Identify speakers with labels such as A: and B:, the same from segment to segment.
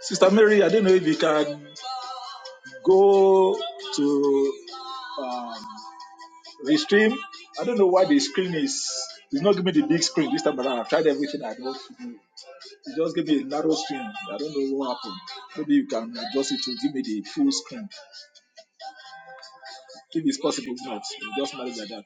A: Sister Mary, I don't know if you can go to um, the stream. I don't know why the screen is. It's not giving me the big screen this time around. I've tried everything I know to do. It just gave me a narrow screen. I don't know what happened. Maybe you can adjust it to give me the full screen. If it's possible, if not, we just manage like that.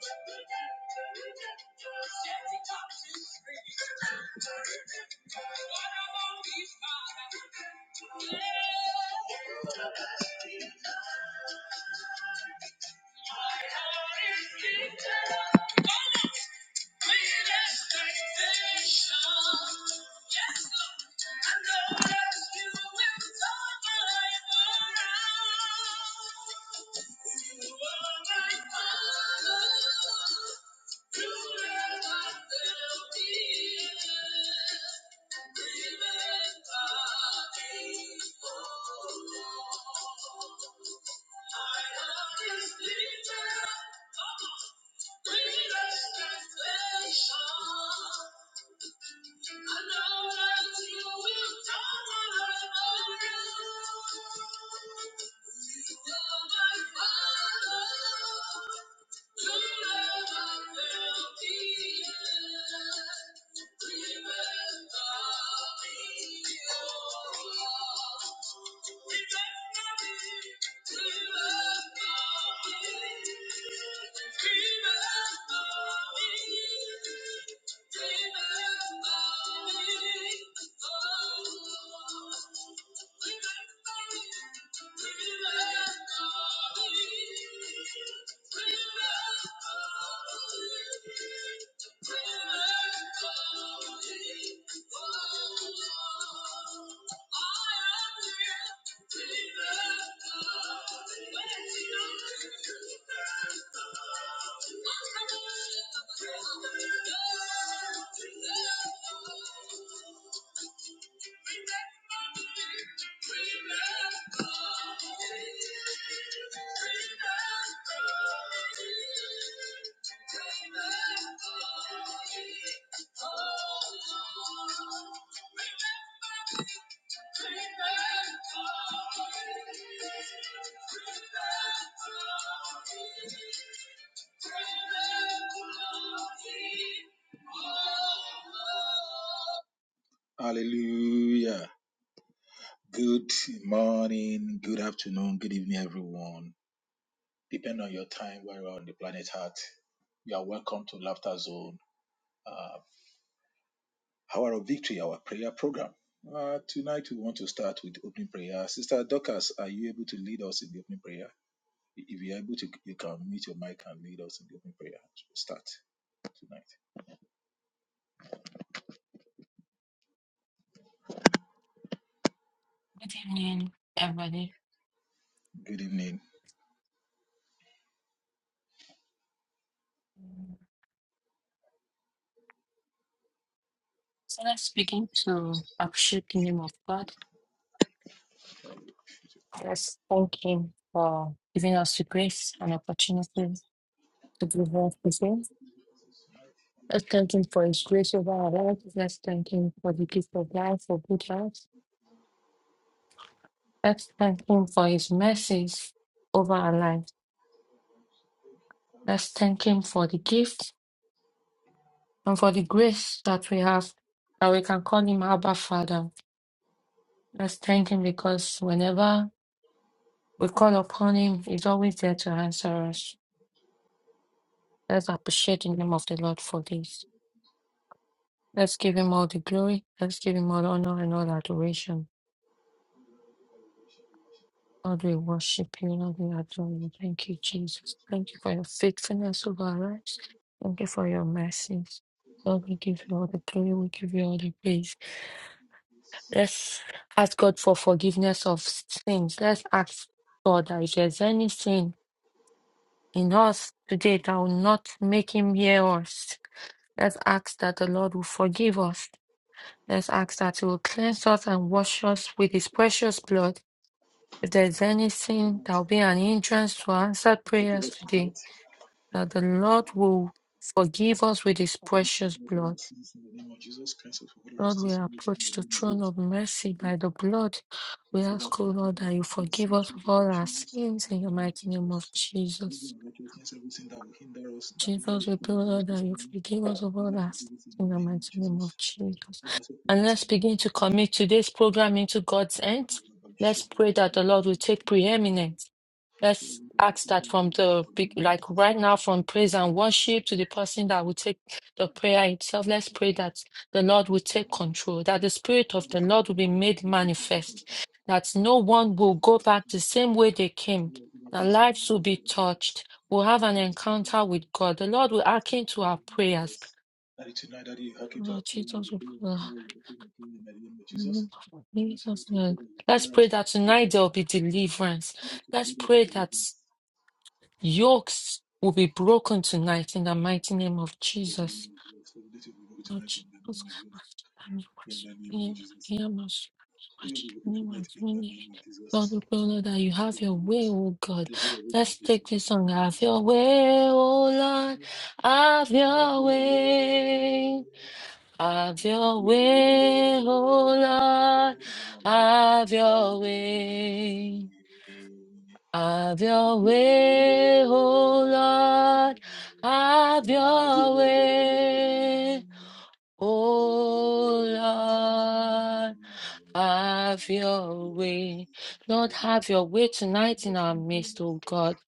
A: Hallelujah. Good morning, good afternoon, good evening, everyone. Depending on your time, where you are on the planet Earth, you are welcome to Laughter Zone. Uh. Hour of Victory, our prayer program. Uh, tonight we want to start with opening prayer. Sister Dorcas, are you able to lead us in the opening prayer? If you're able to, you can mute your mic and lead us in the opening prayer. Start tonight.
B: Good evening, everybody.
A: Good evening.
B: So let's begin to appreciate the name of God. Let's thank Him for giving us the grace and opportunity to be here today. Let's thank Him for His grace over our lives. Let's thank Him for the gift of life, for good health. Let's thank Him for His mercies over our lives. Let's thank Him for the gift and for the grace that we have that we can call Him Abba Father. Let's thank Him because whenever We call upon him. He's always there to answer us. Let's appreciate the name of the Lord for this. Let's give him all the glory. Let's give him all honor and all adoration. Lord, we worship you. Lord, we adore you. Thank you, Jesus. Thank you for your faithfulness over our lives. Thank you for your mercies. Lord, we give you all the glory. We give you all the praise. Let's ask God for forgiveness of sins. Let's ask God that if there's any sin in us today that will not make him hear us. Let's ask that the Lord will forgive us. Let's ask that He will cleanse us and wash us with His precious blood. If there is
A: Good
B: anything that
A: night.
B: will be an hindrance to our answered
A: forgive
B: prayers
A: us
B: today,
A: tonight.
B: that the Lord will forgive us with His precious
A: forgive us all
B: blood.
A: our sins In the name of Jesus Christ, of all
B: Lord, we
A: righteousness, we meet in the
B: approach the
A: name of
B: throne
A: Jesus.
B: of mercy
A: We
B: by the blood. We
A: ask for that
B: ask, O Lord, that
A: forgiveness
B: you
A: for
B: forgive
A: cleansing
B: us
A: through
B: of
A: the Lord
B: all our
A: Jesus, in
B: sins in the
A: the name of
B: mighty name of
A: Jesus. Every
B: Jesus.
A: unrighteousness, everything that will hinder us, that will hinder
B: Jesus,
A: the
B: we
A: power
B: pray
A: of life,
B: Lord,
A: is
B: that you
A: in
B: forgive us of all
A: Father,
B: our sins
A: forgive us in
B: in
A: the
B: the
A: name of
B: mighty name of
A: Jesus.
B: Jesus.
A: Have mercy upon
B: And
A: us
B: let's
A: in the
B: begin
A: name of
B: to
A: Jesus.
B: commit today's program into God's hands.
A: Have mercy upon us
B: Let's
A: in the
B: pray
A: name
B: that the Lord
A: of
B: will
A: Jesus.
B: take
A: Have mercy upon us
B: preeminence.
A: in the
B: Let's ask that from the big,
A: name of
B: like
A: Jesus.
B: right now, from praise and worship to the person that will take the prayer itself. Let's pray that the Lord will take control, that the Spirit of
A: Have
B: the
A: mercy
B: Lord will
A: upon us
B: be made
A: in the name of Jesus. Have mercy upon
B: manifest,
A: us
B: that
A: in the
B: no
A: name of
B: one
A: Jesus.
B: will
A: Have
B: go back the same way they came, that
A: mercy upon us in the name of Jesus. Have mercy upon us in
B: lives will be touched. We'll have an encounter with God. The Lord
A: the
B: will hearken to our
A: name of
B: prayers.
A: Jesus. That is tonight that you hearken to
B: Lord
A: our prayer,
B: Jesus,
A: you
B: we
A: hear our
B: pray.
A: prayer, you hearken to our prayer in the name of
B: In the
A: Jesus.
B: name of
A: Let us
B: Jesus,
A: pray
B: Lord.
A: that you
B: Let's
A: hear
B: pray
A: us and
B: that tonight
A: forgive
B: there
A: us.
B: will be deliverance.
A: That is
B: Let's
A: tonight that you
B: pray
A: believe
B: that
A: us.
B: Yokes will be broken tonight in the mighty name of
A: In the name of
B: Jesus.
A: Jesus, Lord, So let your people
B: Oh,
A: tonight in the
B: Jesus.
A: name of Jesus. In the name of Jesus. Let your people tonight in the name of
B: Lord,
A: Jesus.
B: we pray, Lord, that
A: In the
B: you have
A: mighty
B: your
A: name of
B: way,
A: Jesus.
B: oh God.
A: Let your have a
B: Let's
A: of this
B: take
A: tonight
B: this
A: in the
B: song.
A: name of
B: Have
A: Jesus.
B: your way, oh
A: Have
B: Lord.
A: your way.
B: Have
A: Have
B: your
A: your way
B: way. Have your way, oh Lord.
A: now.
B: Have
A: Have
B: your
A: your
B: way.
A: way.
B: Have
A: Thank
B: your
A: you.
B: way, oh Lord, have
A: God, God, God, God,
B: your
A: God,
B: way, oh Lord, have your way. Lord, have your way tonight in our midst, oh God.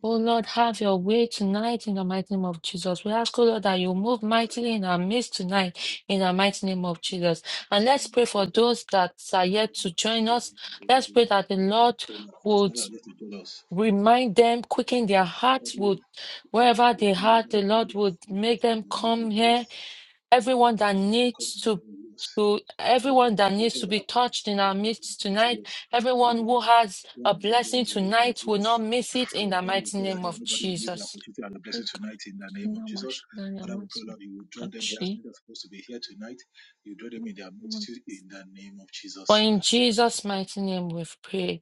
B: Oh Lord, have your way tonight in the mighty name of Jesus. We ask, oh Lord, that you move mightily in our midst tonight in the mighty name of Jesus. And let's pray for those that are yet to join us. Let's pray that the Lord would. Remind them, quicken their hearts would wherever they are, the Lord would make
A: in
B: them
A: the name of
B: come here.
A: Jesus.
B: Everyone that
A: uko
B: needs to,
A: bigaragara yose
B: to everyone
A: amategeko
B: that needs to be touched in our midst
A: yihariye
B: tonight, everyone
A: ariyo
B: who has a
A: yandi imbere
B: blessing
A: mu
B: tonight will
A: byose
B: not miss it in
A: Lord,
B: the
A: that we
B: mighty
A: pray that
B: name
A: there
B: of
A: nobody will miss the
B: Jesus.
A: opportunity and the blessing tonight in the name of Jesus. Father, we pray, Lord, you will draw them here as many that are supposed to be here tonight. You draw them in their multitude in the name of
B: For
A: Jesus.
B: in Jesus' mighty name we've prayed.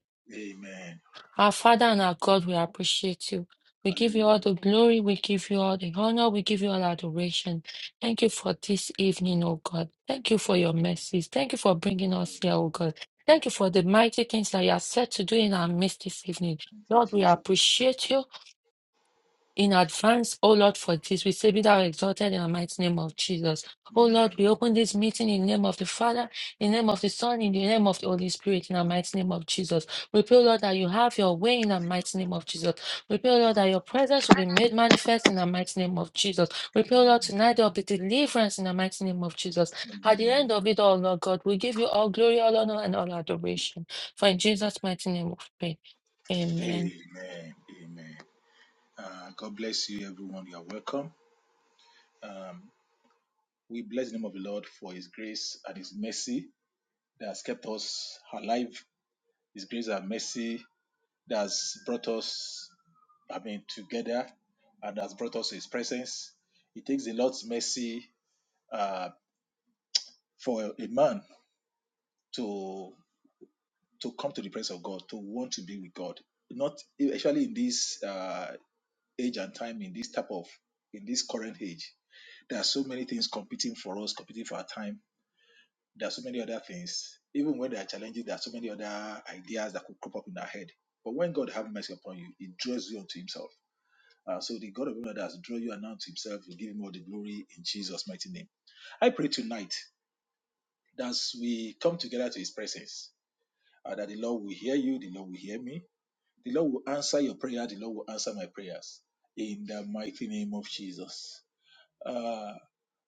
A: Amen.
B: Our Father and our God, we appreciate you. We give you all
A: Hallelujah.
B: the glory. We give you all the honor. We give you all adoration. Thank you for this evening, oh God. Thank you for
A: Thank
B: your
A: you, Lord.
B: mercies. Thank you for bringing us here, oh God. Thank you for the mighty things that you are set to do in our midst this evening.
A: Thank you,
B: Lord, we
A: Jesus.
B: appreciate you in advance, O Lord, for this. We say, Be thou exalted in the mighty name of Jesus. O Lord,
A: Amen.
B: we open this meeting in the name of the Father, in the name of the Son, in the name of the Holy Spirit, in the mighty name of Jesus. We pray, O Lord, that you have your way in the mighty name of Jesus. We pray, O Lord, that your presence will be made manifest in the mighty name of Jesus. We pray, O Lord,
A: Amen.
B: tonight there will be deliverance in the mighty name of Jesus. At the
A: Amen.
B: end of it all, Lord God, we give you all glory, all honor, and all adoration. For in Jesus' mighty name we pray. Amen.
A: Amen. Amen. Uh, God bless you, everyone. You are welcome. Um, we bless the name of the Lord for His grace and His mercy that has kept us alive. His grace and mercy that has brought us, I mean, together and has brought us to His presence. It takes the Lord's mercy uh, for a man to to come to the presence of God, to want to be with God. Not especially in this uh, age and time, in this type of in this current age There are so many things competing for us, competing for our time. There are so many other things. Even when they are challenging, there are so many other ideas that could crop up in our head. But when God have mercy upon you, He draws you unto Himself. Uh, so the God of universe has drawn you and unto Himself. We give Him all the glory in Jesus' mighty name. I pray tonight that as we come together to His presence, uh, that the Lord will hear you, the Lord will hear me, the Lord will answer your prayer, the Lord will answer my prayers in the mighty name of Jesus. Uh,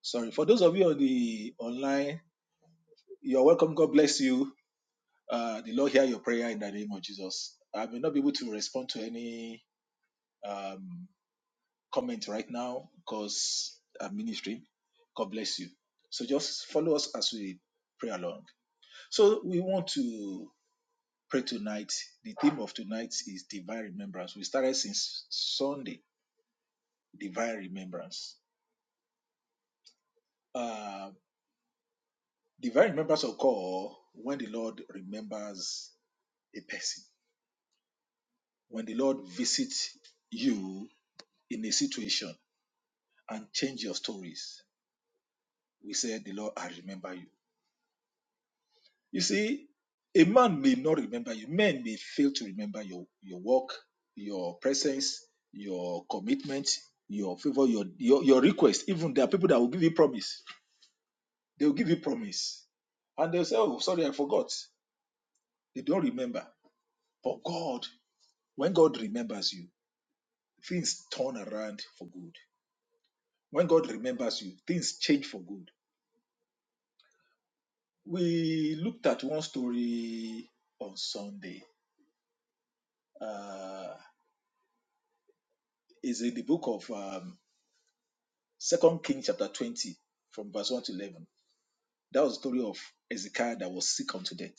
A: sorry for those of you on the online You're welcome. God bless you. Uh, the Lord hear your prayer in the name of Jesus. I may not be able to respond to any um, comment right now because I'm ministry. God bless you. So just follow us as we pray along. So we want to pray tonight. The theme of tonight is divine remembrance. We started since Sunday, divine remembrance. Uh, divine remembrance occur when the Lord remembers a person. When the Lord visits you in a situation and change your stories. We say, The Lord, I remember you. You see, a man may not remember you. Men may fail to remember your, your work, your presence, your commitment, your favor, your, your your request. Even there are people that will give you promise. They will give you promise. And they'll say, Oh, sorry, I forgot. They don't remember. But God, when God remembers you, things turn around for good. When God remembers you, things change for good We looked at one story on Sunday. Uh, is in the book of um, Second Kings, chapter twenty, from verse one to eleven. That was the story of Ezekiah that was sick unto death,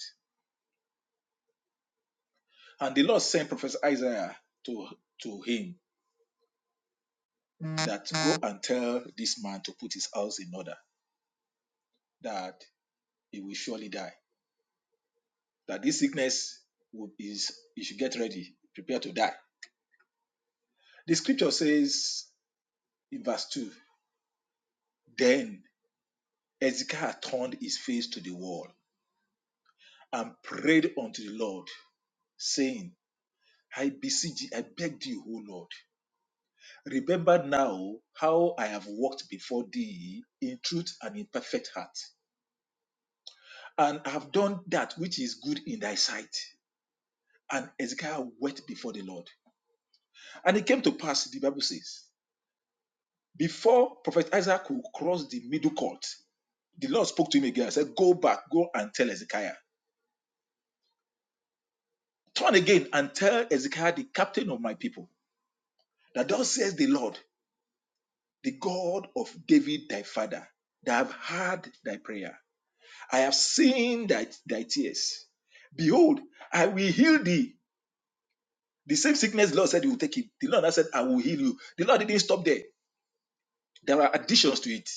A: and the Lord sent Prophet Isaiah to to him that go and tell this man to put his house in order, that he will surely die, that this sickness will, is he should get ready, prepare to die. The scripture says in verse two, then Hezekiah turned his face to the wall and prayed unto the Lord, saying, I beseech thee, I beg thee, O Lord, remember now how I have walked before thee in truth and in perfect heart, and have done that which is good in thy sight. And Hezekiah wept before the Lord. And it came to pass, the Bible says, before Prophet Isaac could cross the middle court, the Lord spoke to him again and said, Go back, go and tell Hezekiah. Turn again and tell Hezekiah, the captain of my people. That thus says the Lord, the God of David thy father, that I have heard thy prayer. I have seen thy, thy tears. Behold, I will heal thee. The same sickness the Lord said he will take him. The Lord now said, I will heal you. The Lord didn't stop there. There are additions to it.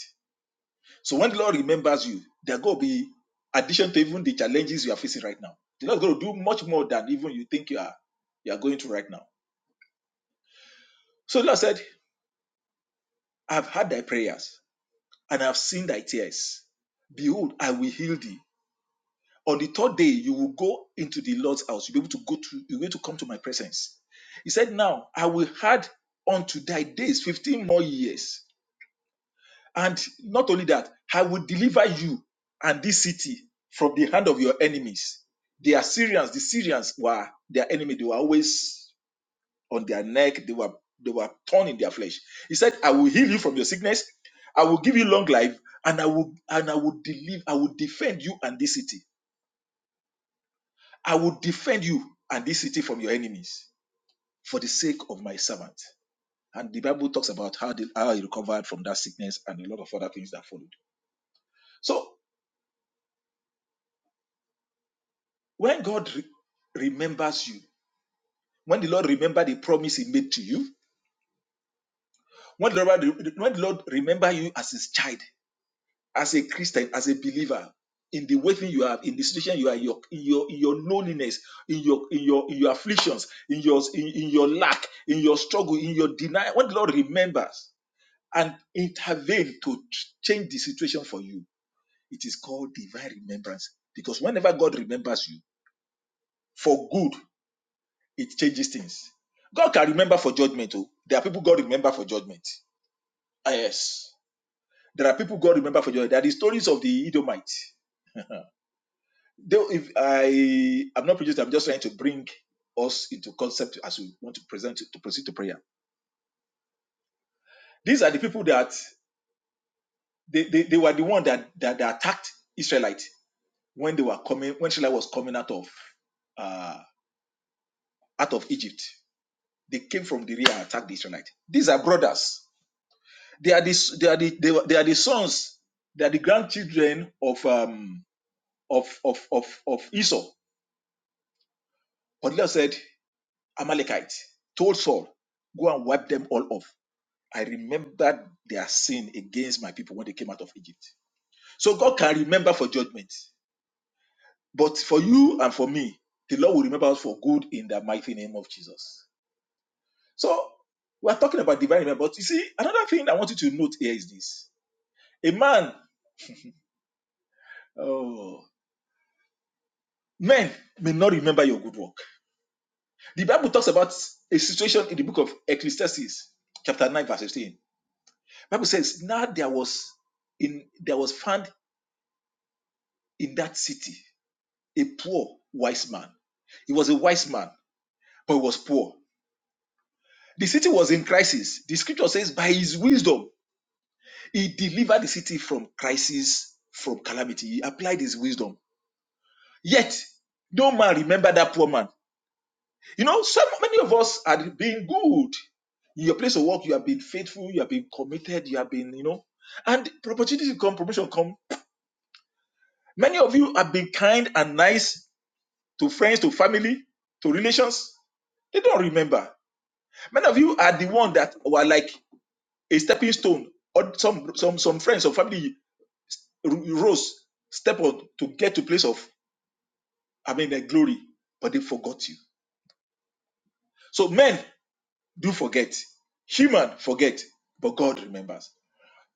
A: So when the Lord remembers you, there going to be addition to even the challenges you are facing right now. The Lord is going to do much more than even you think you are you are going through right now. So the Lord said, I have heard thy prayers and I have seen thy tears. Behold, I will heal thee. On the third day, you will go into the Lord's house. You'll be able to go to, you're going to come to my presence. He said, Now I will add unto thy days 15 more years. And not only that, I will deliver you and this city from the hand of your enemies. The Assyrians, the Syrians were their enemy. They were always on their neck. They were they were torn in their flesh. He said, I will heal you from your sickness. I will give you long life, and I will and I will deliver, I will defend you and this city. I will defend you and this city from your enemies for the sake of my servant. And the Bible talks about how, the, how he recovered from that sickness and a lot of other things that followed. So when God re- remembers you, when the Lord remember the promise he made to you, when the, Lord, when the Lord remember you as his child, as a Christian, as a believer, in the way you are, in the situation you are, in your in your, in your loneliness, in your in your in your afflictions, in your in, in your lack, in your struggle, in your denial, when the Lord remembers, and intervene to ch- change the situation for you. It is called divine remembrance because whenever God remembers you for good, it changes things. God can remember for judgment. Oh, there are people God remember for judgment. Ah, yes, there are people God remember for judgment. There are the stories of the Edomites. Though if I am not prejudiced, I'm just trying to bring us into concept as we want to present to proceed to prayer. These are the people that they, they, they were the one that, that, that attacked Israelite when they were coming, when Israel was coming out of uh, out of Egypt, they came from the rear and attacked the Israelites. These are brothers. They are the they are the they, were- they are the sons. They are the grandchildren of um of of of of Esau. But God said, Amalekite told Saul, go and wipe them all off. I remembered their sin against my people when they came out of Egypt. So God can remember for judgment, but for you and for me, the Lord will remember us for good in the mighty name of Jesus. So we're talking about divine remembrance. But you see, another thing I want you to note here is this. A man, oh, men may not remember your good work. The Bible talks about a situation in the book of Ecclesiastes, chapter 9, verse 16. Bible says, Now there was in there was found in that city a poor wise man. He was a wise man, but he was poor. The city was in crisis. The scripture says, by his wisdom, he delivered the city from crisis, from calamity. He applied his wisdom. Yet no man remember that poor man. You know, so many of us are being good. In your place of work, you have been faithful, you have been committed, you have been, you know, and opportunities come, promotion come. Many of you have been kind and nice to friends, to family, to relations. They don't remember. Many of you are the one that were like a stepping stone, or some some some friends or family rose step on to get to place of I mean the glory, but they forgot you. So men do forget. Human forget, but God remembers.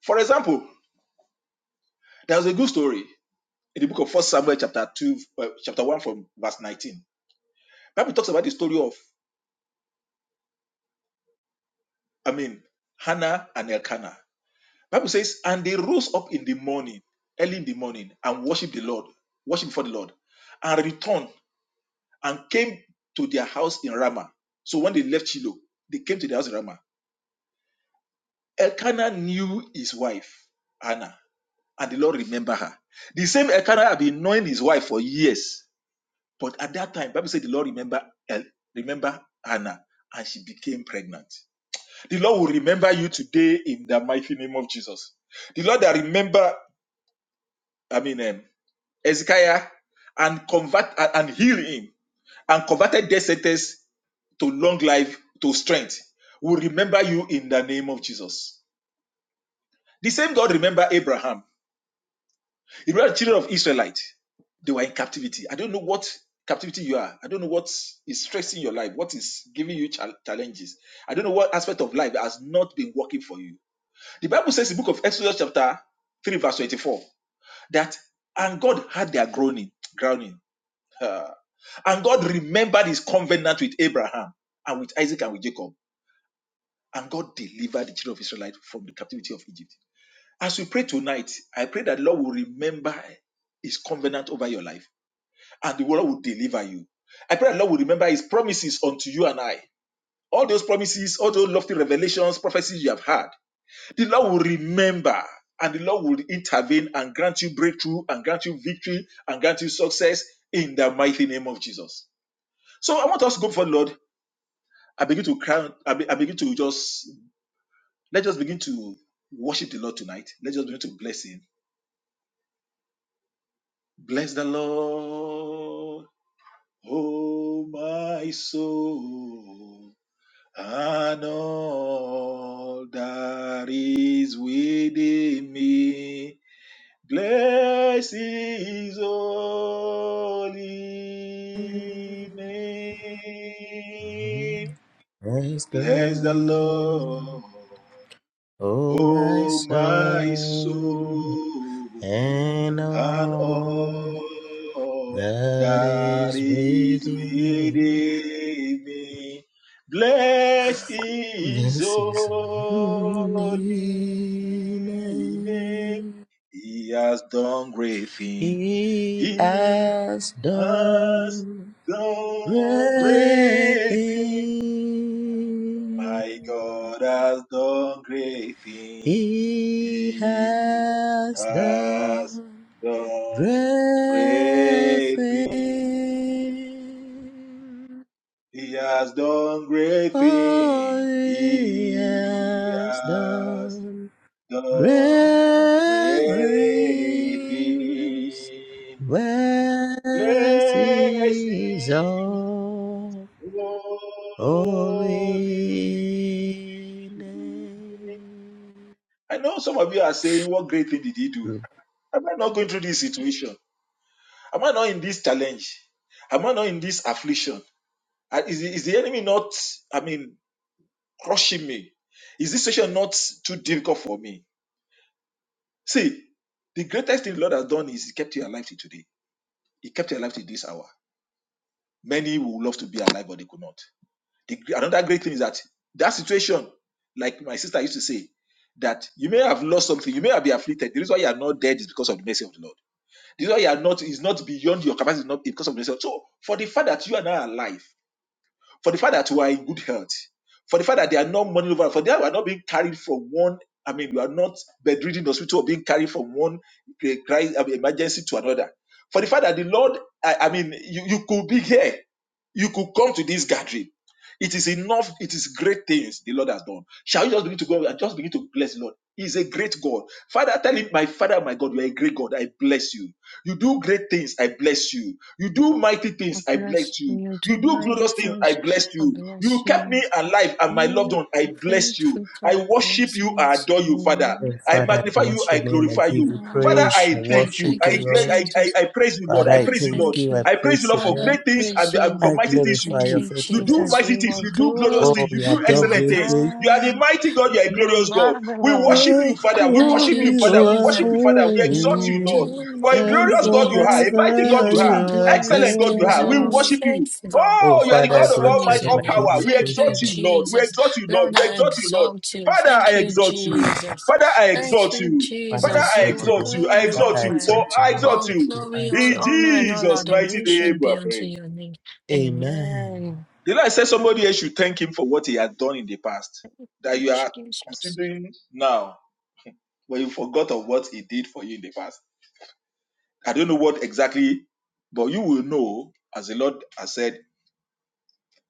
A: For example, there was a good story in the book of First Samuel, chapter two, uh, chapter one, from verse nineteen. Bible talks about the story of, I mean, Hannah and Elkanah. Bible says, and they rose up in the morning, early in the morning, and worshiped the Lord, worshiped before the Lord, and returned and came to their house in Ramah. So when they left Shiloh, they came to the house in Ramah. Elkanah knew his wife Hannah and the Lord remember her. The same Elkanah had been knowing his wife for years, but at that time, the Bible said the Lord remember El- remember Hannah, and she became pregnant. The Lord will remember you today in the mighty name of Jesus. The Lord that remember, I mean, um, Ezekiah, and convert and, and heal him, and converted death sentence to long life to strength. Will remember you in the name of Jesus. The same God remember Abraham. If you are children of Israelite, they were in captivity. I don't know what captivity you are. I don't know what is stressing your life, what is giving you chal- challenges. I don't know what aspect of life has not been working for you. The Bible says in the book of Exodus, chapter 3, verse 24, that and God had their groaning, groaning. Ah. and God remembered his covenant with Abraham and with Isaac and with Jacob. And God delivered the children of Israelite from the captivity of Egypt. As we pray tonight, I pray that the Lord will remember his covenant over your life and the Lord will deliver you. I pray the Lord will remember His promises unto you and I. All those promises, all those lofty revelations, prophecies you have had, the Lord will remember and the Lord will intervene and grant you breakthrough and grant you victory and grant you success in the mighty name of Jesus. So I want us to go for the Lord. I begin to cry. I, be- I begin to just let's just begin to worship the Lord tonight. Let's just begin to bless Him. Bless the Lord, oh my soul. and all that is within me. Bless his holy name.
C: Praise the
A: Bless the
C: Lord,
A: Lord.
C: oh my
A: O my
C: soul,
A: soul,
C: and
A: and
C: all
A: all
C: that
A: that
C: is
A: is
C: within.
A: within me, bless His
C: This is holy
A: holy name. He has done great things.
C: He
A: He
C: has
A: has
C: done
A: done
C: great
A: great things. My
C: things.
A: God has done great things.
C: He
A: He
C: has
A: has
C: done.
A: done
C: Great
A: great things. He has done great
C: all
A: things.
C: he
A: He
C: has
A: has
C: done.
A: done
C: Great
A: great
C: things,
A: things.
C: where
A: Bless
C: is
A: his
C: all holy
A: holy name.
C: name.
A: I know some of you are saying, What great thing did he do? Am I not going through this situation? Am I not in this challenge? Am I not in this affliction? Uh, Is, the- is the enemy not, I mean, crushing me? Is this situation not too difficult for me? See, the greatest thing the Lord has done is He kept you alive till today. He kept you alive till this hour. Many would love to be alive, but they could not. The, another great thing is that that situation, like my sister used to say, that you may have lost something, you may have been afflicted. The reason why you are not dead is because of the mercy of the Lord. You know, you are not, is not beyond your capacity not because of yourself. So, for the fact that you are now alive, for the fact that you are in good health, for the fact that they are not money over, for that you are not being carried from one, I mean, you are not bedridden in the hospital or being carried from one eh, crisis, I mean, emergency to another. For the fact that the Lord, I, I mean, you, you could be here, you could come to this gathering. It is enough. It is great things the Lord has done. Shall you just begin to go and just begin to bless the Lord? He is a great God. Father, tell him, my Father, my God, you are a great God. I bless you. You do great things, I bless you. You do mighty
B: I
A: things, I
B: bless
A: bless you.
B: you,
A: You
B: do
A: do
B: mighty
A: glorious things, I
B: things.
A: bless
B: I
A: you.
B: bless
A: You kept me
B: you.
A: alive and my loved
B: Lord,
A: one, I bless you.
B: faithful
A: I
B: God,
A: worship you, I
B: blessings.
A: adore you, Father.
B: Lord,
C: Oh,
A: I
C: Father, I
A: magnify you,
C: bless
A: I
C: your name. I
A: glorify
C: give you
A: you.
B: I
A: Father,
C: praise. I
B: worship
A: I
B: you.
A: thank you.
C: worship
B: Thank
C: you,
A: I,
B: you,
A: gra-
C: Lord.
A: I, I,
B: Jesus.
A: I praise you, Lord.
C: Father,
B: Father,
A: I
C: I
B: I
A: praise you,
C: thank
A: Lord.
B: thank
C: you. I
B: you.
A: I praise you,
C: praise
A: Lord,
C: your
A: for
C: name.
B: Father, I
A: great things
B: praise
A: and, and for
B: you.
C: I
A: mighty things you
C: glorify
B: Thank
C: your
A: do.
B: you,
A: You do
C: faithfulness.
B: Jesus.
A: mighty
B: You
A: things,
B: are
A: you do glorious
B: good.
C: Oh,
A: things, you
C: you have
A: do
B: You
C: done
B: are
A: excellent
C: great
A: things.
C: things.
A: You are the
B: kind.
A: mighty God, you are a
B: You are
A: glorious God. We
B: marvelous.
A: worship
C: Yes,
A: you, Father. We
B: Thank
C: Lord,
A: worship
B: you,
A: you, Father.
C: you
A: We
C: are
A: worship
B: Jesus.
A: you, Father. We exalt
B: You
A: you, Lord.
C: holy,
B: do
A: For a
C: and
A: glorious
B: mighty
A: God you are,
B: things.
A: a mighty
B: You
A: God
C: forever
A: you
C: you
A: are,
B: do
C: are
B: glorious
A: excellent God you
B: things.
A: are. We
B: You're a
C: God.
A: worship you.
B: faithful God.
C: Oh,
A: Oh, you are the
C: Father, I
A: God of
B: Awesome
A: all
C: bless your
B: is
A: might,
B: your
C: name.
A: all
C: I
B: name.
C: give
A: power.
C: you
A: We
B: Thank
C: praise,
A: exalt
B: you,
C: O God.
A: you, Lord. We
B: Jesus.
A: exalt you, Lord.
B: Lord,
A: We
B: I
A: exalt you, Lord.
B: exalt you.
A: Father,
B: Thank
A: I
B: you,
A: exalt you.
B: Jesus.
A: Father, I
B: Thank
A: exalt
B: you,
A: you.
C: Father, I
A: Father,
B: Jesus.
A: I
B: You
C: exalt
B: are
C: your
A: exalt
C: name.
A: you.
B: good.
A: I
B: You
C: Father,
B: are
A: exalt
C: I
A: you. For
B: kind.
C: exalt you.
A: I
C: I
A: exalt
B: All
C: exalt
A: you.
C: you. I
B: glory, all
A: In
C: exalt
B: honor, and all
A: Jesus' mighty
B: adoration
A: name, we
B: be
A: are
B: unto
A: praying.
B: your name.
C: you. Amen.
B: Amen.
A: The Lord said, somebody else should thank him for what he had done in the past that
B: Thank
A: you are
B: you, Jesus.
A: considering now, but you forgot of what he did for you in the past? I don't know what exactly, but you will know, as the Lord has said,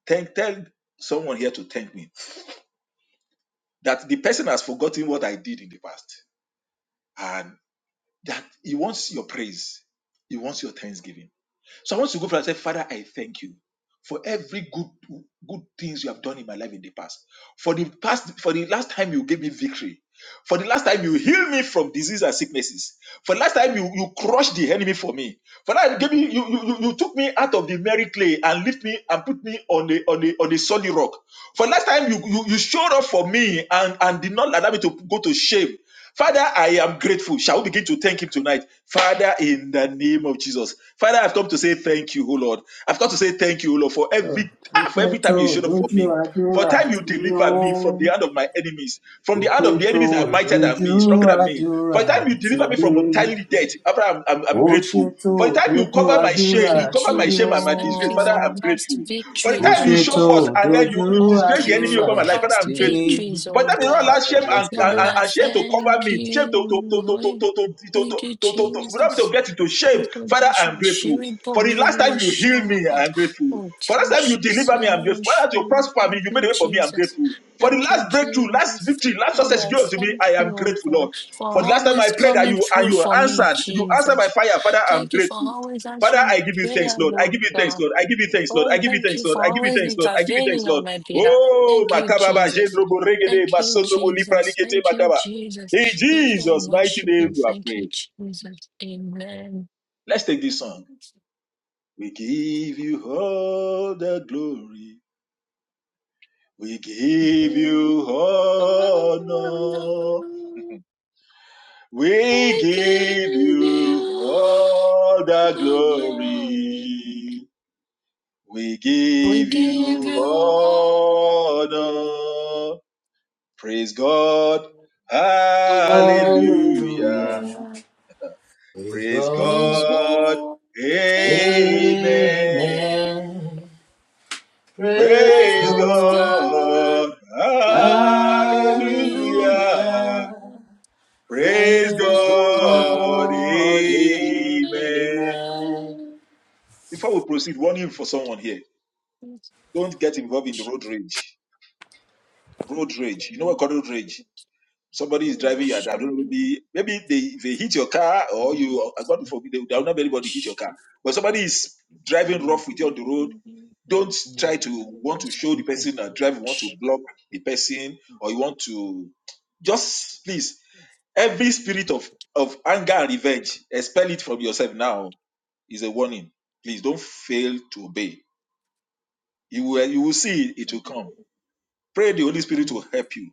A: thank tell someone here to thank me that the person has forgotten what I did in the past, and that he wants your praise, he wants your thanksgiving. So I want to go for and say, Father, I thank you for every good good things you have done in my life in the past. For the past, for the last time you gave me victory, for the last time you healed me from disease and sicknesses. For the last time you, you crushed the enemy for me. For that gave me you, you, you you took me out of the merry clay and lift me and put me on the on the on the solid rock. For the last time you, you, you showed up for me and, and did not allow me to go to shame. Father, I am grateful. Shall we begin to thank Him tonight? Father, in the name of Jesus. Father, I've come to say thank you, O Lord. I've come to say thank you, O Lord, for
C: Ó
A: every ah, for
C: ṣe
A: every
C: tó
A: time you showed up for
C: dojú
A: me. For
C: àdúrà
A: time you
C: tí
A: deliver me from
C: ó.
A: the hand of my enemies, from
C: Ó
A: the hand
C: ṣe
A: of the
C: tó
A: enemies that are mightier than
C: dojú
A: me, stronger than me. For
C: àdúrà
A: the time you
C: tí
A: deliver me from
C: mi.
A: untimely death, Father, I'm, I'm,
C: ó
A: I'm grateful.
C: ṣètò
A: For the time you
C: dojú
A: cover my
B: Thank
A: shame,
C: àdúrà
A: you
B: you,
A: cover
C: tí
A: my
C: ó
A: shame and
B: Jesus.
A: my
B: Thank
A: disgrace,
B: you
A: Father,
B: for
A: I'm
B: past
A: grateful. For the
C: ó
B: victories,
A: time you
B: oh
A: show
C: ṣètò
B: God.
A: forth and then you,
C: dojú
A: you
B: Oh,
A: disgrace the
B: thank you
A: enemy
C: àdúrà
B: for
A: over my life, Father,
B: past
A: I'm
C: tí mi
A: grateful.
B: victories,
A: But
B: oh
A: that did
C: Oh,
A: not
B: God.
A: allow
C: Father, I
A: shame
C: bless
A: and,
C: parẹ́
B: Lord,
C: lọ́sọ̀lẹ̀.
A: and,
B: I
A: and shame to cover
B: thank
A: me, shame to to
B: you.
A: to to to
B: Oh,
A: to to to to
B: Thank you,
A: to, to, to, without me to
B: Jesus.
A: get into shame.
B: Little
A: Father,
B: dash of
A: I'm grateful.
B: shiri bo
A: For the
B: mi
A: last
B: Oluwa
A: time you healed
B: seun.
A: me, I'm grateful.
B: Oh,
A: For the last
B: thank
A: time you
B: you, sí,
A: deliver me, I'm
B: Oluwa
A: grateful. For the last time, you
B: seun.
A: prosper me,
B: Thank
A: you
B: you,
A: made a way for me, I'm
B: Jesus.
A: grateful. For the
B: Thank you,
A: last breakthrough, last
B: Jesus.
A: victory, last
B: Lord,
A: success
B: I
A: you gave to me,
B: thank
A: I
B: you,
A: am
B: oh
A: grateful,
B: God,
A: Lord.
B: for
A: For the last time
B: always
A: I prayed that
B: coming
A: you and
B: through
A: you
B: for me,
A: answered, you answered by
B: Jesus.
A: fire, Father, I'm
B: Thank you for
A: grateful.
B: always
A: Father,
B: answering
A: I
B: my
A: give you thanks,
B: prayers,
A: Lord. I
B: oh
A: give you thanks,
B: God.
A: Lord. I give you thanks, Lord. I
B: Oh,
A: give you
B: thank you
A: thanks, Lord.
B: for
A: I give you
B: always
A: thanks, Lord. I give you thanks,
B: intervening
A: Lord.
B: on my behalf.
A: Oh,
B: Thank you,
A: makaba ba
B: Jesus.
A: jendro bo regede
B: Thank you,
A: masondro bo lipra
B: Jesus.
A: likete
B: Thank you,
A: makaba.
B: Jesus.
A: In
B: Lord, I
A: Jesus' mighty
B: worship
A: name
B: you.
A: we are
B: Thank you,
A: praying.
B: Jesus. Amen.
A: Let's take this song. We give you all the glory. We give you
B: Oh,
A: honor.
B: no.
A: We
B: We
A: give
B: give
A: you
B: you
A: all the
B: the glory.
A: glory. We
B: We
A: give
B: give
A: you
B: you all.
A: honor. Praise God. Hallelujah.
C: Hallelujah.
B: Hallelujah.
C: Praise
A: Praise
C: God.
B: Is
A: God.
B: born. Where's
A: Amen.
C: Amen.
B: God?
C: Praise
A: Praise
C: God.
A: God.
B: Where's
C: Hallelujah.
A: Hallelujah. Praise
C: Praise
A: God.
B: God?
C: God.
A: Amen.
C: Amen.
A: Before we proceed, warning for someone here. Don't get involved in the road rage. Road rage. You know what called road rage? Somebody is driving you. I don't know. Maybe, maybe they, they hit your car or you, uh, God forbid, they- there will not be anybody hit your car. But somebody is driving rough with you on the road Don't try to want to show the person that drive, you want to block the person, or you want to just please every spirit of of anger and revenge, expel it from yourself now. Is a warning. Please don't fail to obey. You will you will see it will come. Pray the Holy Spirit will help you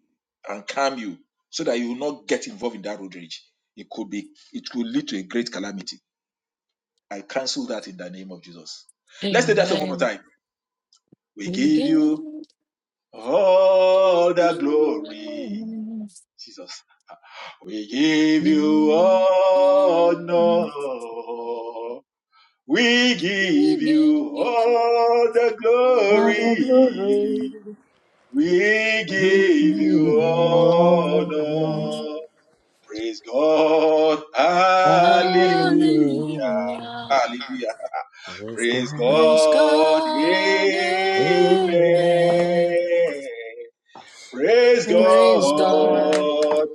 A: and calm you so that you will not get involved in that road rage. It could be it could lead to a great calamity. I cancel that in the name of Jesus. Let's take that song one more
B: Amen.
A: time. We give
B: Hallelujah.
A: you all the glory. Jesus, we give you honor. We give you all the
C: All the
A: glory.
C: glory.
A: We
C: You
A: give
C: hear
A: you
C: the alarm.
A: honor. Praise God. Hallelujah.
C: Hallelujah.
A: Hallelujah.
C: Let's go.
A: Praise
B: Praise
A: God.
B: God.
A: Amen.
C: Amen.
B: Amen.
A: Praise
C: Let's
B: Praise
C: go.
B: God.
A: God.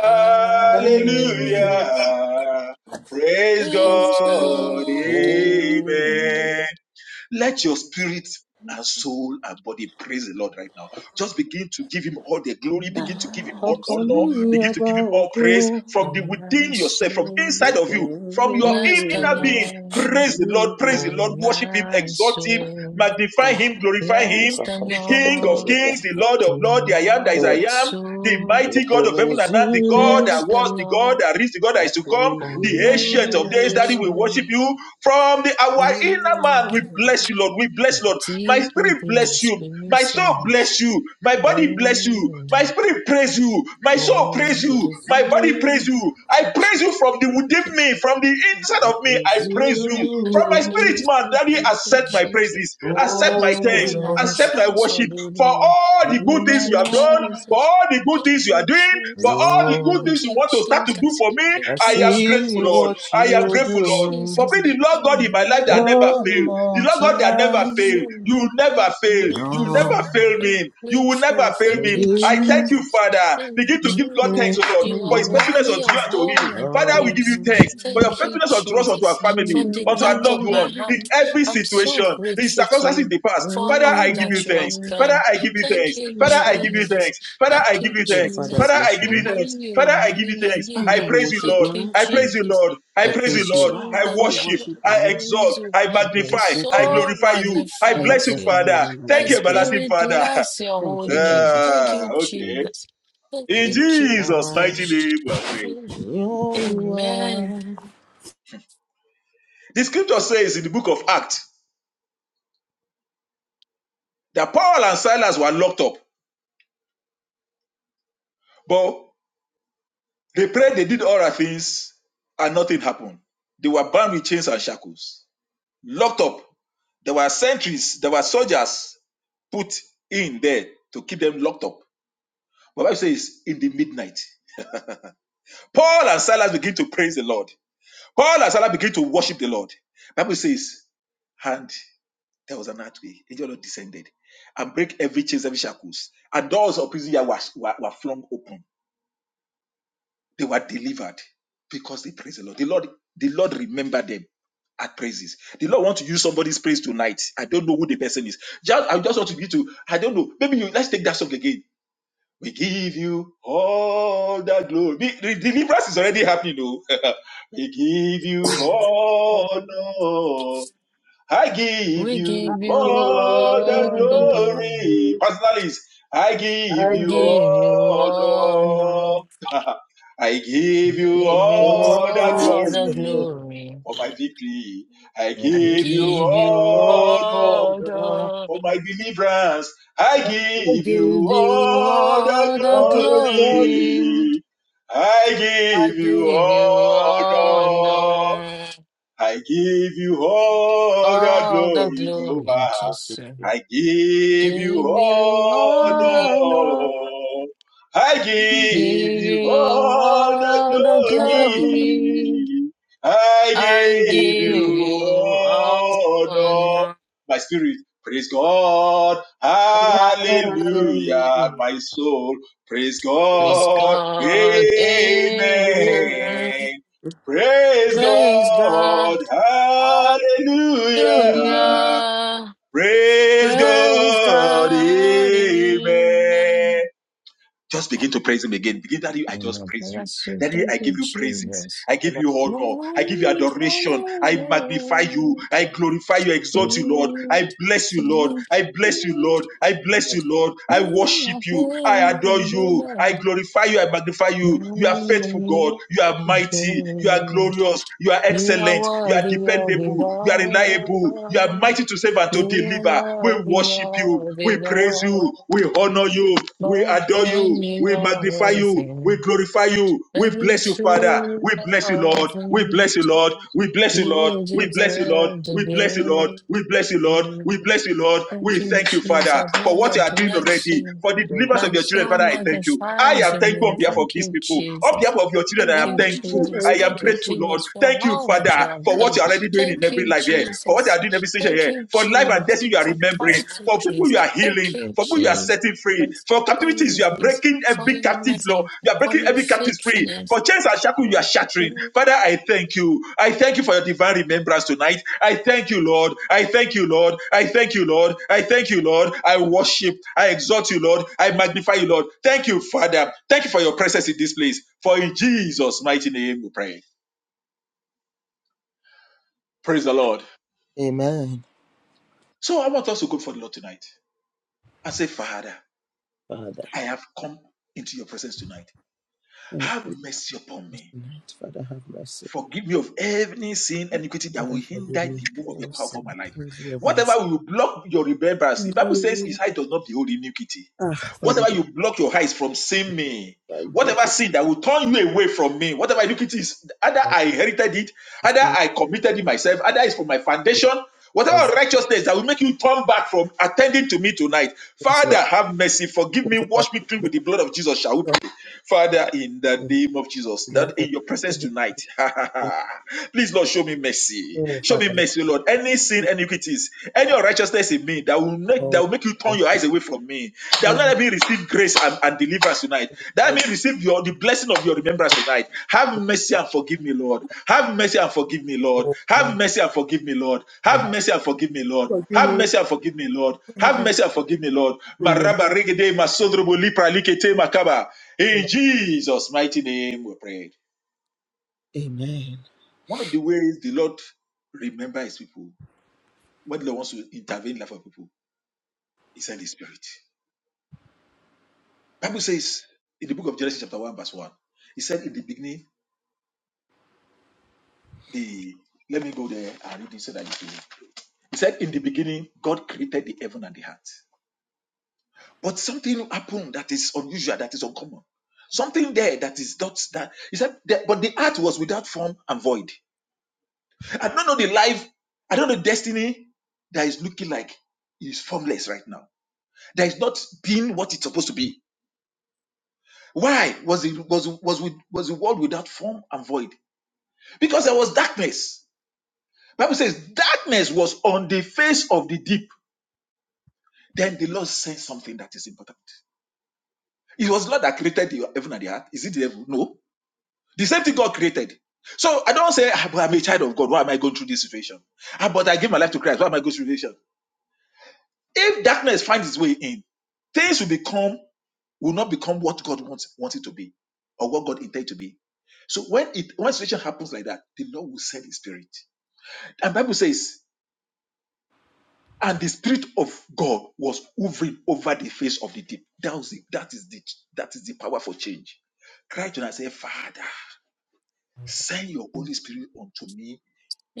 B: Hallelujah.
C: Hallelujah.
A: Praise
C: Let's
B: Praise
C: go.
A: God.
B: God.
C: Amen.
B: Amen.
A: Amen.
B: Oh,
A: Let your spirit and soul and body praise the Lord right now. Just begin to give him all the glory, begin to give him all
C: Ọkàn mi
A: honor,
C: yin
A: Begin to
C: ọba
A: give him all
C: ògo.
A: praise from the
B: my
A: within yourself, from
B: soul,
A: inside of
C: Ọkàn
A: you,
C: mi
A: from your
B: bless
A: in-
B: the
C: yin
A: inner
C: ọba
A: being.
B: Lord.
A: Praise the Lord,
C: ògo.
A: praise
B: Oh,
A: the Lord, worship him,
B: my
A: exalt him,
B: soul,
A: magnify him, glorify him,
B: bless the
C: Alibaka
A: the King of
B: Lord.
C: shakatalabaria.
A: kings, the Lord of
B: Oh,
A: lords, the I am that is I
C: Oh,
B: my
A: am, the
B: soul,
C: I
A: mighty God of heaven
C: praise
A: and earth, the God
B: bless
A: that
C: you.
B: the
A: was, the God
B: Lord.
A: that is, the God that
C: I
A: is to come,
C: praise
B: Oh,
A: the ancient of days,
B: my
A: that we
C: you.
A: worship
B: soul,
A: you from the
C: I
A: our inner man. We bless you, Lord. We bless you, Lord. My
B: deep
A: spirit
B: within my
A: bless you.
B: spirit,
A: My soul bless
B: says,
A: you. My body bless you.
B: Oh,
A: My spirit praise you. My soul praise
B: oh.
A: you.
C: praise
A: My body praise
C: you.
A: you.
B: Thank you,
A: I praise you from the within me, from the inside
C: I
A: of me.
C: praise
A: I praise you from my
C: you.
A: spirit, man. Daddy, accept my
B: Jesus.
A: praises,
B: My
A: accept my
C: Oh
A: thanks,
B: soul
C: Lord,
A: accept my
B: magnifies your
A: worship
B: holy
A: for
B: name.
A: all the good
C: in
B: Thank
C: my
A: things
B: you,
A: you have done,
C: life,
A: for
B: Jesus.
A: all the good
B: Thank
A: things you are
B: you,
A: doing, for
B: Jesus.
A: all the
C: Lord,
A: good
B: Thank
A: things you
B: you,
A: want to start to do
B: Jesus.
A: for me.
B: Thank
C: I
B: you,
A: I am grateful,
C: see
B: Jesus.
A: Lord.
C: what
A: I am
B: Thank
C: you're
B: you,
A: grateful, Lord. For
C: doing.
B: Jesus.
A: me, the Lord God
B: I'm
A: in my life that never
C: One
A: failed,
B: grateful.
A: the
C: more
A: Lord God
B: I'm
A: that never failed,
C: time,
B: grateful.
A: you will never
B: I'm
A: fail, you will
B: grateful.
A: never
C: Lord,
A: fail
B: I'm
A: me, you will never
B: grateful.
A: fail
C: I
B: Thank
A: me.
B: you,
A: I thank
C: give
A: you,
B: Jesus.
A: Father.
B: Thank you,
A: Begin to
C: my
A: give God
B: Jesus.
A: thanks, O
C: praise
A: Lord,
C: to
B: You
A: for
B: are
A: His
C: you.
A: faithfulness
B: worthy
A: unto
B: of
A: you and to me.
B: all my
A: Father,
C: Lord,
A: we give
B: praise.
A: you thanks for your
B: Thank you,
A: faithfulness unto us, unto our
B: Jesus.
A: family,
B: From the
A: unto our
B: depth
A: loved
B: of my
A: one,
B: heart,
A: in every
B: I'm so
A: situation, in
B: grateful to
A: circumstances in
B: you
A: the past.
B: for
A: Father,
B: all
A: I give
B: that
A: you
C: oh
B: you
A: thanks.
B: have
A: Father,
B: done.
A: I give you
B: Thank
A: thanks.
B: you,
A: Father, I give you
B: Jesus.
A: thanks. Father,
B: Thank
A: I give
B: you,
A: you thanks.
C: Father, I
B: Jesus.
A: Father, I
C: bless
A: give
B: Good
C: you.
A: you thanks.
B: morning, you
A: Father, I give you
B: remaining I
A: thanks.
B: give
C: I'm
A: I
B: me.
C: to
A: praise you,
C: worship
A: Lord.
B: Thank
C: your
B: you,
C: name.
A: I praise you,
B: Jesus.
A: Lord. I
C: I
B: Thank
A: praise you,
B: you,
C: praise you,
A: Lord.
B: Jesus.
C: Lord.
A: I
C: I
A: worship.
B: Lord, I
C: worship your
A: I
C: name.
B: praise
A: exalt.
B: you.
A: I
C: And
B: My
C: I
A: magnify.
C: exalt
A: I
C: your name.
B: soul
A: glorify you. I
C: I
A: bless
B: magnifies
A: you,
C: magnify
B: you.
C: your
A: Father.
C: name. I
B: My
A: Thank you,
C: bless you, Lord.
A: everlasting
B: spirit
A: Father.
B: bless your
C: Thank you,
B: holy name.
C: Jesus.
B: Thank
A: Ah,
B: you,
A: okay.
B: Jesus. Thank
A: In
B: you,
A: Jesus'
B: Jesus.
A: mighty
C: Adonai,
A: name, we are praying.
B: Amen.
C: Yehovah,
A: The scripture says in the book of Acts that Paul and Silas were locked up, but they prayed, they did all other things, and nothing happened. They were bound with chains and shackles, locked up. There were sentries, there were soldiers put in there to keep them locked up My Bible says in the midnight. Paul and Silas begin to praise the Lord. Paul and Silas begin to worship the Lord. The Bible says, and there was an earthquake. Angel of the Lord descended and break every chains, every shackles. And doors of prison were, were, were flung open. They were delivered because they praised the Lord. The Lord, the Lord remembered them at praises. The Lord want to use somebody's praise tonight. I don't know who the person is. Just, I just want to be to, I don't know. Maybe you let's take that song again. We give you all the glory. Be- The deliverance is already happening, though. we give you all honor. I give
B: We
C: I
A: you
B: give you
C: give you
A: all the
B: all
C: all
B: the
C: the
B: glory.
A: glory.
C: glory.
A: Personalists, I give
C: I
B: I
A: you
C: give
B: give you
C: you
B: honor.
A: all honor. I
B: give
A: give you
B: you
A: all the
C: all
B: all the
C: the
A: glory
C: glory.
B: glory.
A: for my victory. I
C: I give
B: I
C: you
A: give you
B: give you
A: honor.
C: all
B: all
C: the honor.
B: the,
A: For my deliverance, I
C: I give
B: I
C: you
A: give
B: give
A: you
B: you
A: all the
B: all the
C: all the glory.
B: glory.
A: glory. I give
B: I
A: you
B: give you
A: all
B: honor.
A: I give you all the
B: All the
A: glory,
B: glory,
A: Jehovah.
C: All
B: just
A: I give you
B: give you
A: honor.
B: honor.
A: I give
B: Give
A: you
B: you
A: all the
B: all the
A: glory.
B: glory.
A: I
B: I
A: give you
B: give you
A: honor.
B: honor.
A: My spirit, praise God.
C: the glory.
A: Hallelujah.
B: Hallelujah.
A: My soul, praise
B: Praise
A: God.
B: God,
C: All
B: amen.
C: the
A: Amen.
C: glory.
A: Praise
B: Praise God,
A: God.
C: Amen.
A: Hallelujah.
B: hallelujah.
A: Praise
B: Praise
A: God.
B: God,
A: Amen.
B: amen.
A: Just begin to praise him again. Begin, Daddy, I just
B: Amen.
A: praise you.
B: Bless you,
A: Daddy,
B: thank
A: I give
B: you,
A: you praises.
B: Jesus.
A: I give
C: Father,
A: you honor. I give you
B: Glory to
A: adoration.
B: the
A: I magnify you.
B: Lord.
A: I glorify you. I exalt you, Lord. I
B: Jesus,
A: bless you, Lord. I bless you, Lord. I bless
C: help
A: you, Lord. I
B: you
A: worship
B: are
A: you. I adore
B: the
A: you. I
B: Lord.
A: glorify you. I magnify you. You are faithful, God.
B: Glory
A: You are mighty. You are glorious. You are
B: You are
A: excellent. You are
B: worthy of it
A: dependable. You are reliable. You are
B: all.
A: mighty to save and to
B: You are
A: deliver. We
B: worthy
A: worship you.
B: of
A: We
B: it
A: praise you.
B: all.
A: We honor honor you. We
B: Both
A: adore you.
B: when you
A: We
B: are
A: magnify you.
B: worthy
A: We glorify you. We
B: and
A: bless you, Father.
B: true
A: We bless you, Lord.
B: of
A: We
B: it.
A: bless you, Lord. We bless you, Lord.
B: You
A: We bless you, Lord.
B: deserve the
A: We bless you, Lord. We bless you, Lord. We
B: glory.
A: bless you, Lord.
B: Thank
A: We
B: you,
A: thank you, Father,
B: Jesus.
A: for
B: Lord,
A: what
B: I
A: you are doing
B: bless
A: already.
B: you.
A: For the deliverance
B: My
A: of your children,
B: soul
A: Father, I thank you. I
B: magnifies
A: am
B: your
A: thankful
B: name.
A: on behalf of
B: Thank
A: these
B: you,
A: people. On behalf
B: Jesus.
A: of your children, I
B: Thank
A: am
B: you,
A: thankful.
B: Jesus.
A: I am
B: Thank
C: me
B: you,
A: grateful, Lord.
B: Jesus, for
A: Thank you,
B: all that you
A: Father,
B: have
A: for what
B: done.
A: you are already doing in
B: Thank
A: every
B: you,
A: life here. For what you are
B: Jesus.
A: doing in every teacher
B: Thank
A: here.
B: you,
A: For life and
B: Jesus,
A: destiny, you are
B: for
A: remembering.
B: past
A: For people,
B: victories.
A: you are
B: Thank
A: healing.
B: you,
A: For people, you are
B: Jesus,
A: setting free. For
B: for
A: captivities,
B: your
A: you are
B: grace,
A: breaking
B: for
A: every
B: your
A: captive law.
B: mercy,
A: You are
B: for
A: breaking
B: your
A: every captive free.
B: faithfulness.
A: For chains and shackles, you are
B: Lord,
A: shattering. Father, I thank you. I thank you for your divine remembrance tonight. I thank you, Lord. I thank you, Lord. I thank you, Lord. I thank you, Lord. I worship. I exalt you, Lord. I magnify you, Lord. Thank you, Father. Thank you for your presence in this place. For in Jesus' mighty name we pray. Praise the Lord. So I want us to go for the Lord tonight and say, Father. I have come into your presence tonight. Have mercy upon me.
C: tonight. Father, have mercy.
A: Forgive me of any sin, iniquity that will
C: Father, forgive
A: hinder
C: me
A: the move
C: for
A: of your
C: all
A: power upon
C: sin.
A: my life.
C: Forgive me of my
A: Whatever
C: sin.
A: will block your remembrance, the Bible says
C: Hallelujah.
A: his eye does not behold iniquity.
C: Ah, Father,
A: Whatever you block your eyes from seeing me,
C: whatever you block
A: whatever
C: your
A: sin that will turn you away from me, whatever iniquity is, either
C: I
A: I
C: will
A: inherited it Either
C: still
A: I committed it myself, either it's for my foundation,
C: recognize
A: whatever
C: it.
A: righteousness that will make you turn back from attending to me tonight.
C: Yes,
A: Father,
C: Lord.
A: have mercy, forgive me,
C: Whatever
A: wash me
C: you
A: clean
C: make
A: with the blood of Jesus. Shall we
C: up
A: pray? Father, in the
C: of
A: name of Jesus,
C: this life
A: Lord,
C: of
A: in your presence
C: any
A: tonight,
C: religion,
A: please, Lord, show me mercy.
C: oh,
A: Show
C: Father,
A: me
C: let
A: mercy,
C: me
A: Lord. Any sin,
C: be
A: iniquities, any unrighteousness in me that will make that
C: God.
A: will make you turn your
C: Mercy.
A: eyes away from me. That will
C: Tell
A: not
C: me,
A: let me receive grace and, and deliverance tonight.
C: Father, I
A: That
C: don't
A: may receive your the blessing of your
C: know
A: remembrance
C: what
A: tonight. Have
C: to
A: mercy and forgive me, Lord. Have mercy and forgive me,
C: do.
A: Lord.
C: oh,
A: Have
C: Lord,
A: mercy and forgive me, Lord.
C: Father,
A: Have
C: have
A: mercy and forgive me, Lord.
C: forgive
A: Have mercy and forgive me, Lord.
C: me.
A: Have mercy and forgive me, Lord.
C: through your mouth,
A: Maraba regede masodrobo lipra likete makaba.
C: O
A: In
C: Lord.
A: Jesus' mighty name we pray.
C: Amen.
A: One of the ways the Lord remember his people, when the Lord wants to intervene in the life of people, is send his spirit. Bible says in the book of Genesis chapter 1 verse 1, he said in the beginning, the let me go there and read it so that you can. He said in the beginning, God created the heaven and the earth. But something happened that is unusual, that is uncommon. Something there that is not that he said that, but the earth was without form and void. I don't know the life, I don't know destiny that is looking like is formless right now. That is not being what it's supposed to be. Why was it was was with was the world without form and void? Because there was darkness Bible says darkness was on the face of the deep. Then the Lord said something that is important. It was God that created the heaven and the earth. Is it the devil? No. The same thing God created. So I don't say "Ah, but I'm a child of God. Why am I going through this situation? Ah, But I give my life to Christ. Why am I going through this situation? If darkness finds its way in, things will become will not become what God wants wants it to be or what God intended to be. So when it when situation happens like that, the Lord will send His Spirit. And Bible says And the Spirit of God was hovering over the face of the deep. That, was it. that is the that is the power for change. Cry to and say, Father, send your Holy Spirit unto me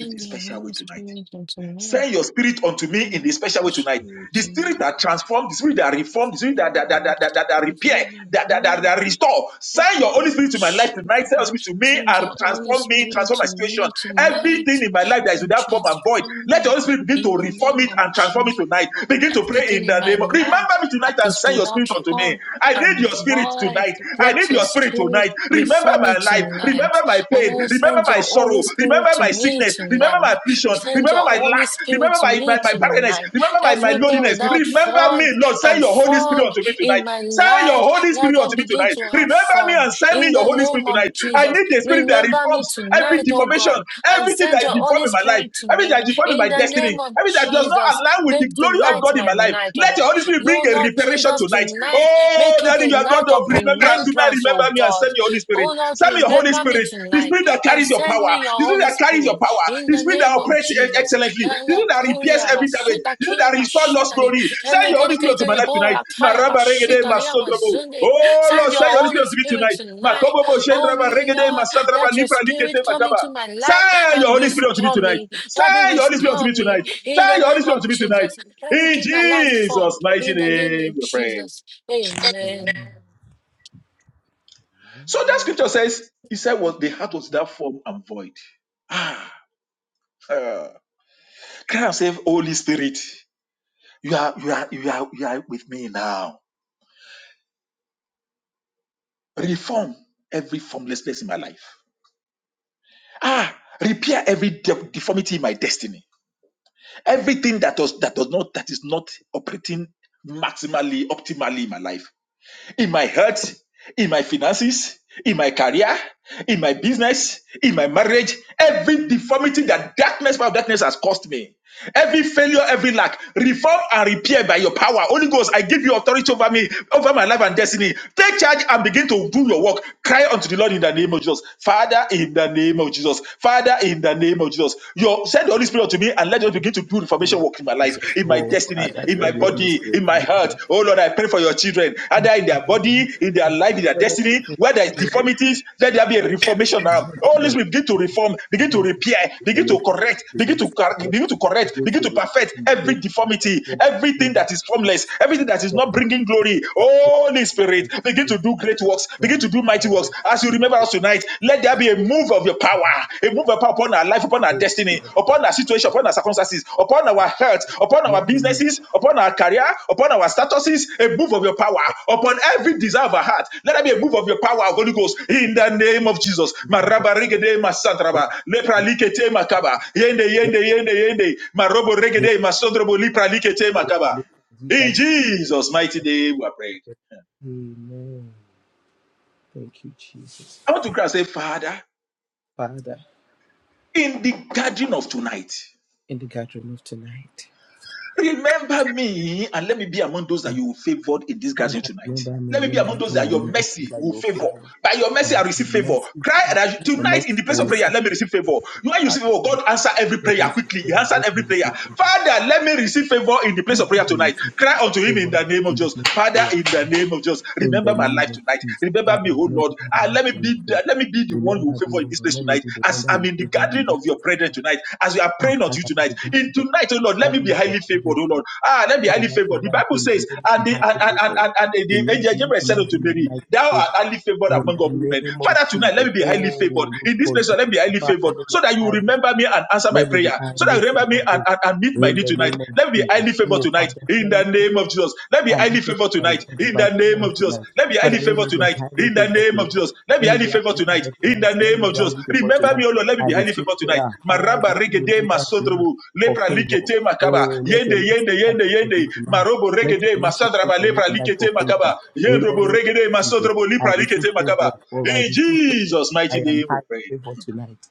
A: in a
B: your
A: special
B: Holy
A: way tonight.
B: Spirit unto me.
A: Send your spirit unto me in
B: Holy
A: the special way tonight.
B: Spirit,
A: The spirit
B: tonight.
A: that transforms, the spirit that reforms, the spirit that, that, that, that, that, that, that repair, that, that, that, that restore. Send your Holy Spirit to my life tonight. Send your spirit to me
B: Send
A: and
B: your Holy
A: transform me,
B: Spirit
A: transform my
B: to
A: situation.
B: me tonight
A: Everything in my life that is
B: and
A: without form and void,
B: transform
A: let your
B: me
A: Holy Spirit begin to
B: in the
A: reform
B: name
A: it
B: of
A: and transform it tonight. Begin to pray
B: Everything
A: in
B: in
A: the
B: my
A: name of.
B: life
A: Remember me
B: that
A: tonight and
B: is
A: send your
B: without
A: spirit unto me.
B: form
A: I need
B: and
A: your spirit
B: void,
A: tonight. I
B: let
A: need
B: your
A: your spirit
B: spirit
A: tonight. Remember
B: reform
A: my
B: it
A: life.
B: tonight.
A: Remember my pain.
B: Oh,
A: Remember
B: send
A: my
B: your
A: sorrow.
B: Holy Spirit
A: Remember
B: to
A: my
B: me
A: sickness. Remember my
B: tonight.
A: affliction.
B: Send
A: Remember
B: your
A: my
B: Holy
A: lack.
B: Spirit
A: Remember
B: to
A: my, my,
B: me
A: my barrenness.
B: tonight.
A: Remember my, my
B: Everything
A: loneliness.
B: without
A: Remember me,
B: void
A: Lord. Send
B: and
A: your Holy Spirit
B: form
A: unto me
B: in
A: tonight.
B: my
A: Send your
B: life,
A: Holy Spirit
B: let them
A: unto me
B: begin
A: tonight.
B: to have
A: Remember me
B: form.
A: and send me
B: In
A: your
B: the
A: Holy Spirit
B: name of
A: tonight. I
B: Jesus,
A: need the Spirit that
B: remember me
A: reforms every
B: tonight, oh
A: deformation,
B: God, and
A: everything
B: send
A: that is
B: your
A: deformed
B: Holy
A: in my life,
B: Spirit to
A: everything
B: me.
A: that is deformed in
B: In
A: my
B: the
A: destiny,
B: name of
A: everything that does not
B: Jesus,
A: align with the
B: Make
A: glory of
B: tonight
A: God in
B: my
A: my life.
B: night, oh
A: Let
B: God.
A: your Holy Spirit bring
B: Oh
A: a
B: Lord
A: reparation
B: Jesus,
A: tonight.
B: tonight,
A: Oh,
B: make it a
A: Daddy, you are God
B: night
A: of
B: of
A: remembrance. Tonight,
B: remembrance, oh
A: remember come and
B: God.
A: send your Holy Spirit.
B: Oh Lord,
A: Send me your Holy
B: remember me
A: Spirit, the
B: tonight
A: Spirit that
B: and
A: carries your
B: send
A: power,
B: me your
A: the Spirit
B: Holy
A: that carries your
B: Spirit
A: power,
B: in
A: the
B: the
A: Spirit that
B: name of
A: operates e-
B: Jesus.
A: excellently, the Spirit that repairs
B: Hallelujah!
A: every damage,
B: basuda
A: the Spirit
B: kia
A: that restores lost
B: mashitali.
A: glory. Send
B: Hallelujah!
A: your Holy Spirit to my
B: Elakuriabasudakiamashitali,
A: life tonight. Ma raba regede ma sodrobo.
B: elegeregereborakayabashitaliamazunde.
A: Oh
B: Send
A: Lord,
B: your
A: send your Holy
B: Holy
A: Spirit to me
B: Spirit
A: tonight. Ma
B: tonight.
A: kobobo
B: Oh
A: shendraba regede ma
B: Lord,
A: sadraba
B: let your
A: nipra
B: spirit
A: likete
B: come
A: makaba.
B: into my life
A: Send
B: and
A: your Holy Spirit to me
B: restore me.
A: tonight.
B: Daddy,
A: Send your Holy Spirit to
B: restore
A: me
B: me
A: tonight.
B: in
A: Send
B: the
A: your Holy
B: name
A: Spirit
B: of
A: to me tonight.
B: Jesus. Daddy,
A: In
B: keep my life firm
A: Jesus' mighty
B: in the name
A: name,
B: of
A: we pray.
B: Jesus. Amen.
A: So that scripture says, he said, was the heart was that form and void. Ah, uh, cry and say, Holy Spirit, you are, you are, you are, you are with me now. Reform every formlessness in my life. Ah, repair every de- deformity in my destiny. Everything that does that does not that is not operating maximally, optimally in my life. in my health, in my finances, in my career, in my business, in my marriage, every deformity that darkness, power of darkness has caused me, every failure, every lack, reform and repair by your power. Holy Ghost, I give you authority over me, over my life and destiny. Take charge and begin to do your work. Cry unto the Lord in the name of Jesus. Father, in the name of Jesus. Father, in the name of Jesus. Your, send the Holy Spirit to me and let us just begin to do reformation
C: Lord
A: work in my life,
C: Jesus,
A: in my
C: oh
A: destiny,
C: Father,
A: in
C: tell
A: my
C: the Holy
A: body,
C: Spirit
A: in
C: to be
A: my
C: on
A: heart.
C: the
A: Oh Lord, I pray for your children, either in their body, in their life, in their
C: Father, thank
A: destiny, where there is deformities, let there be a reformation now. Oh,
C: you,
A: let's
C: Lord.
A: begin to reform, begin
C: Father,
A: to
C: we thank
A: repair,
C: you for
A: begin to
C: lifting up
A: correct,
C: the
A: begin
C: great
A: to cor-
C: Spirit,
A: begin to
C: the
A: correct,
C: great
A: begin to
C: Spirit,
A: perfect
C: and the great
A: every deformity,
C: affection of
A: everything
C: the
A: that is
C: Spirit,
A: formless, everything that is
C: from
A: not
C: the
A: bringing glory.
C: uh,
A: Holy
C: from
A: Spirit,
C: the
A: begin to do
C: Spirit,
A: great works,
C: from
A: begin
C: the
A: to do mighty
C: power of
A: works as to
C: the
A: remember
C: Spirit,
A: us tonight. Let there be a move of your
C: from
A: power,
C: the
A: a move of power upon our life, upon our
C: Lord, to
A: destiny,
C: the Father.
A: upon our situation, upon our circumstances, upon our health, upon
C: Lord,
A: our
C: we need
A: businesses, upon our career, upon our statuses, a move of your power, upon every desire of our heart. Let there be a move of your power, Holy Ghost, in the name of Jesus.
C: to have a
A: Maraba regede
C: great,
A: masandraba, lepra
C: great,
A: likete makaba, yende
C: great,
A: yende yende yende, marobo
C: great,
A: regede masondrobo lepra likete makaba.
C: great, great, great,
A: In
C: great.
A: Jesus' mighty name, we are praying.
C: Amen. Thank you, Jesus.
A: I want to cry and say, Father,
C: Father,
A: in the gathering of tonight.
C: in the gathering of tonight.
A: Remember me and let me be among those that you will favor in this
C: Father,
A: gathering tonight.
C: remember me
A: Let
C: and
A: me be
C: let
A: among
C: me
A: those
C: be
A: that your
C: among the
A: mercy
C: people that
A: will
C: you will
A: favor.
C: favor.
A: By your mercy,
C: Ah,
A: I receive
C: Your
A: favor.
C: mercy,
A: Cry
C: ah,
A: that
C: your
A: tonight in
C: mercy,
A: the
C: I
A: place
C: will
A: of prayer,
C: receive.
A: let me receive favor. When you
C: Father,
A: receive favor,
C: in the
A: God answer every prayer
C: presence of
A: quickly. He
C: prayer, let
A: answered every
C: me receive
A: prayer.
C: favor. Father,
A: Father, let me receive favor in the place of prayer
C: let me
A: tonight.
C: receive
A: Cry unto him in
C: favor
A: the name of
C: in the
A: Jesus.
C: place of
A: Father,
C: prayer
A: in the
C: tonight.
A: name of Jesus,
C: In the
A: remember my
C: name
A: life
C: of
A: tonight.
C: Jesus,
A: Remember me,
C: Father,
A: oh
C: remember
A: Lord.
C: my
A: and
C: life
A: let me
C: tonight.
A: be
C: O Lord.
A: the, let me be the one you
C: Remember
A: will
C: me,
A: favor in
C: O
A: this
C: Lord.
A: place
C: Let me
A: tonight.
C: be the one
A: As
C: that
A: I'm
C: you
A: in the
C: favor in
A: gathering
C: this
A: of your
C: place
A: brethren
C: tonight.
A: tonight, as we are
C: Ah,
A: praying unto
C: Father,
A: you
C: I be the
A: tonight,
C: God
A: in
C: of the
A: tonight, oh Lord, let me
C: gathering
A: be
C: of your
A: highly favored, oh
C: children
A: Lord. Ah, let me be highly
C: Father,
A: favored. The
C: tonight
A: Bible
C: in
A: says,
C: the name
A: and
C: of
A: the
C: high
A: and and and,
C: favor.
A: and, and the
C: Tonight,
A: angel
C: let
A: Gabriel said
C: tonight
A: unto
C: be my
A: Mary,
C: night of
A: Thou
C: favor.
A: art highly favored
C: In
A: among all
C: the
A: women.
C: name of
A: Father, tonight let
C: Jesus.
A: me be highly
C: Oh,
A: favored.
C: Lord
A: In this
C: God,
A: place, Lord, let me be
C: Jesus.
A: highly
C: Father,
A: favored,
C: let it be
A: so that you will
C: I
A: remember me and answer my
C: let it be
A: prayer,
C: I
A: so that you
C: listen
A: remember me
C: of
A: and,
C: it.
A: and, and meet my
C: In
A: need
C: the
A: tonight.
C: name of
A: Let me be
C: Jesus.
A: highly favored
C: Oh,
A: tonight
C: Father,
A: in the name
C: tonight
A: of Jesus. Let me be
C: and that
A: highly
C: is
A: favored
C: by,
A: tonight in
C: by
A: the name
C: prayer
A: of Jesus.
C: tonight.
A: Let me be
C: Father,
A: highly
C: let
A: favored
C: me be
A: tonight
C: highly
A: in the
C: favored
A: name of
C: tonight.
A: Jesus. Let me
C: Let
A: be
C: me
A: highly
C: be
A: favored
C: highly
A: tonight
C: favored
A: in
C: tonight.
A: the
C: Let
A: name
C: me
A: of
C: be
A: Jesus.
C: highly favored
A: Remember
C: tonight.
A: me, O Lord. Let me
C: I
A: be highly
C: receive
A: favored tonight.
C: prayer. Father, I
A: Maraba
C: receive
A: regede
C: remembrance tonight
A: masodrobu
C: for
A: lepra
C: favor.
A: likete makaba
C: Oh, let
A: yende
C: your mercy
A: yende
C: catch
A: yende
C: up with me
A: yende
C: tonight.
A: marobo
C: Let your
A: regede
C: mercy speak
A: masadraba
C: for me
A: lepra
C: tonight for
A: likete
C: favor.
A: makaba
C: In the
A: yendrobo
C: name of
A: regede
C: Jesus,
A: masodrobo
C: I
A: lepra
C: receive
A: likete
C: favor.
A: makaba.
C: Oh, I
A: In
C: receive, favor.
A: Jesus'
C: I
A: mighty
C: am
A: name, we
C: highly
A: pray.
C: favored tonight.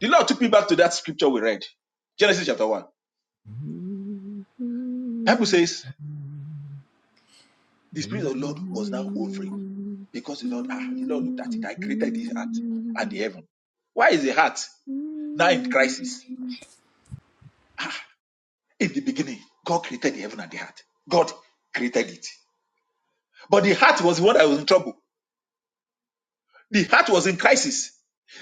A: The Lord took me back to that scripture we read, Genesis chapter one.
C: Amen.
A: Bible says The Spirit of the Lord was now hovering because the Lord, ah, the Lord looked at it. I created this heart and the heaven. Why is the heart now in crisis? Ah, in the beginning, God created the heaven and the heart. God created it. But the heart was the one that was in trouble. The heart was in crisis.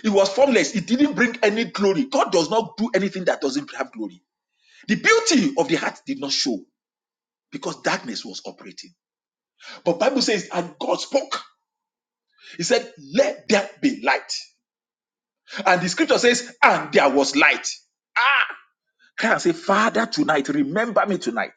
A: It was formless. It didn't bring any glory. God does not do anything that doesn't have glory. The beauty of the heart did not show because darkness was operating. But Bible says, and God spoke. He said, let there be light. And the scripture says, and there was light. Ah, can and say, Father, tonight, remember me tonight.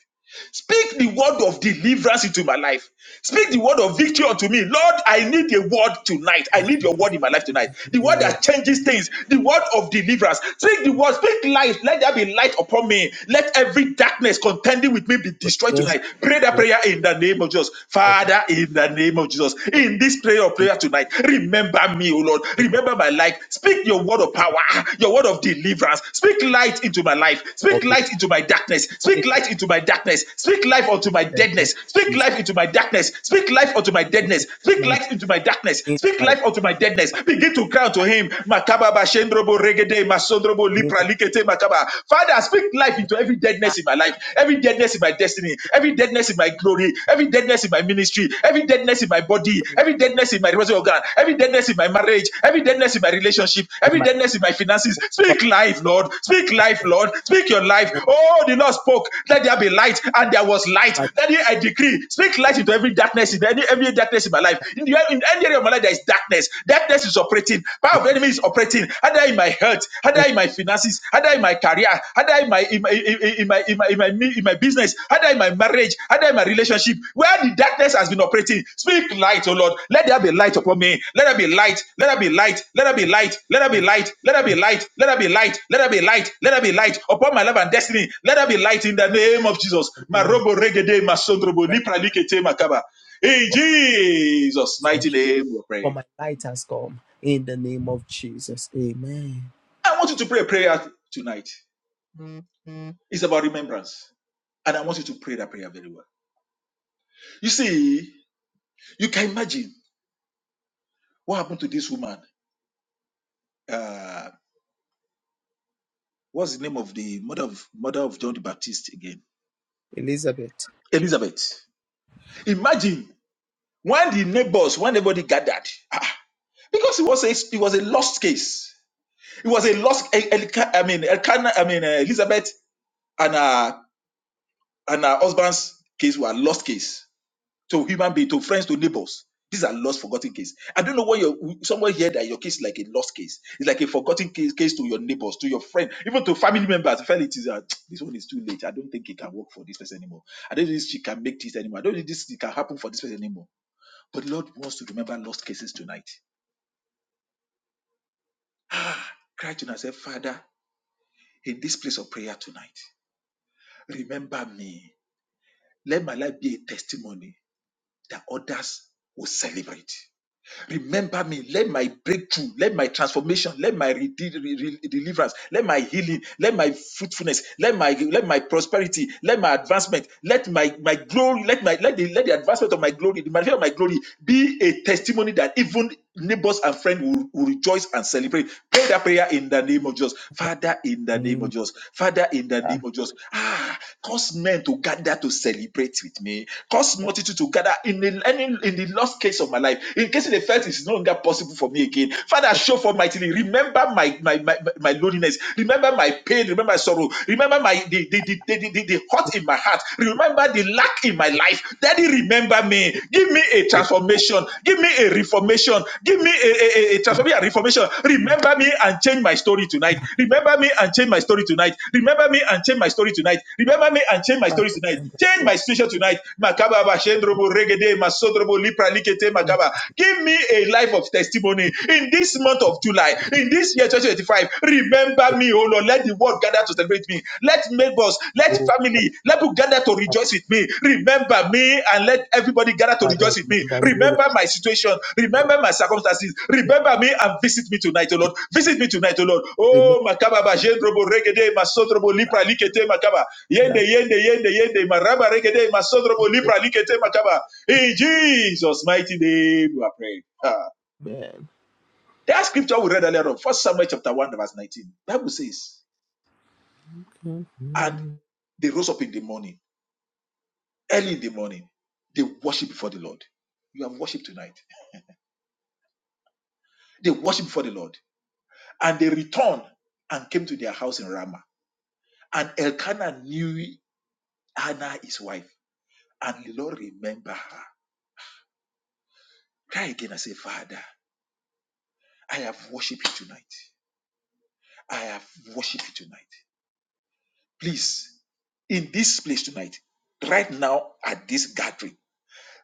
A: Speak the word of deliverance into my life. Speak the word of victory unto me. Lord, I need a word tonight. I need your word in my life tonight. The word that changes things. The word of deliverance. Speak the word. Speak light. Let there be light upon me. Let every darkness contending with me be destroyed
C: yes,
A: tonight. Pray that
C: let
A: prayer in the name of Jesus.
C: heaven
A: Father, in the name of Jesus.
C: work
A: In this prayer of prayer tonight, remember me, O Lord.
C: of
A: Remember my life. Speak your word of
C: the name
A: power, your word of deliverance. Speak light into my life. Speak light into my darkness. Speak light into my darkness. Speak life unto
C: in
A: my
C: the name of
A: deadness. Speak
C: Jesus.
A: life into my darkness. Speak life unto my deadness.
C: Light
A: Speak
C: my
A: light into my darkness.
C: in
A: Speak
C: my life,
A: life unto my deadness. Begin to cry to him. Makaba ba shendrobo regede masondrobo
C: in
A: lipra
C: the
A: likete makaba. Father, speak life into every
C: light,
A: deadness in my life, every deadness in my destiny,
C: in
A: every deadness in my glory glory, every deadness in my ministry, every deadness in my
C: my
A: body,
C: ministry,
A: every deadness in my resource organ, every deadness in my marriage, every deadness in my relationship,
C: in
A: every
C: my
A: deadness in my finances.
C: home, for
A: Speak
C: my
A: life, Lord. Speak
C: my
A: life,
C: life,
A: Lord. Speak your life.
C: for
A: Oh, the Lord spoke.
C: the
A: Let there be light, and there was light.
C: Father,
A: Daddy, I decree. Speak light into every darkness in any every darkness in my life. In, the, in any area of my life, there is darkness. Darkness is operating. Power of enemy is operating. Either in my health health, either in my finances, either in my career, either in my in my in my in my in my in my, in my business, either in my marriage, either in my relationship, where the darkness has been operating. Speak light, oh Lord. Let there be light upon me. Let there be light. Let there be light. Let there be light. Let there be light. Let there be light. Let there be light. Let there be light. Let there be light upon my life and destiny. Let there be light in the name of Jesus.
C: in the
A: Marobo regede
C: name
A: masondrobo
C: of
A: lipra likete makaba. In Jesus'
C: Jesus, I-
A: mighty name, we
C: for
A: pray.
C: my light has come. In the name of Jesus, Amen.
A: I want you to pray a prayer tonight. It's about remembrance. And I want you to pray that prayer very well. You see, you can imagine what happened to this woman. Uh, what's the name of the mother of mother of John the Baptist again?
C: Elizabeth,
A: Elizabeth. Imagine when the neighbors, when everybody gathered, ah, because it was a it was a lost case. It was a lost. El, Elka- I mean, Elkanah, I mean uh, Elizabeth and her and her husband's case were lost case to human being, to friends, to neighbors. These are lost, forgotten cases. I don't know why your someone here that your case is like a lost case. It's like a forgotten case, case to your neighbors, to your friend, even to family members. I Felt it is uh, this one is too late. I don't think it can work for this person anymore. I don't think she can make this anymore. I don't think this can happen for this person anymore. But Lord wants to remember lost cases tonight. Cry to yourself, Father, in this place of prayer tonight, remember me. Let my life be a testimony that others will celebrate. Remember me. Let my breakthrough, let my transformation, let my rede- re- re- deliverance, let my healing, let my fruitfulness, let my let my prosperity, let my advancement, let my my glory, let my let the let the advancement of my glory, the manifestation of my glory, be a testimony that even neighbors and friends will, will rejoice and celebrate. Pray that prayer in the name of Jesus,
C: in the
A: Father. In the name of
C: name
A: Jesus, Father. In the
C: ah,
A: name of Jesus. Ah, Cause men to gather to celebrate with me. Cause
C: of
A: multitude to gather in the any in the lost case of my life. In case they felt it's no longer possible for me again. Father,
C: the
A: show for mightily. Remember my my, my my loneliness. Remember my pain. Remember my sorrow. Remember my the the, the, the, the, the hurt in my heart. Remember the lack in my life. Daddy, remember me. Give me a transformation. Give me a reformation. Give me a, a, a, a transformation, a reformation. Remember me and change my story tonight. Remember me and change my story tonight. Remember me and change my story tonight. Remember me and change my
C: Father
A: stories tonight.
C: and the
A: Change
C: Son
A: my situation tonight. Makaba ba shendrobo regede masodrobo lipra likete makaba. Give me a life of testimony in this month of
C: and
A: July,
C: the
A: in this year 2025. Remember me, oh Lord. Let the world gather to celebrate me. Let neighbors, let
C: Holy
A: family, let people gather to
C: Spirit.
A: rejoice with me. Remember me and let everybody gather to
C: Father,
A: rejoice with me.
C: remember me, O Lord
A: Remember my situation.
C: God.
A: Remember my circumstances. Remember me and visit me tonight, oh Lord. Visit me tonight, oh Lord.
C: Remember,
A: Oh, makaba ba shendrobo regede masodrobo lipra likete makaba.
C: Father,
A: Yende, yende, yende, yende, maraba regede, masodrobo
C: remember
A: lipra likete makaba. In Jesus' mighty name, we are praying. Ah.
C: man. me.
A: That scripture we read earlier on, First Samuel chapter 1, verse 19. Bible says, And they rose up in the morning, early in the morning, they worship before the Lord. You have worship tonight. They worship before the Lord. And they returned and came to their house in Ramah. And Elkanah knew Hannah, his wife, and the Lord remember her. Cry again and say, Father, I have worshiped you tonight. I have worshiped you tonight. Please, in this place tonight, right now at this gathering,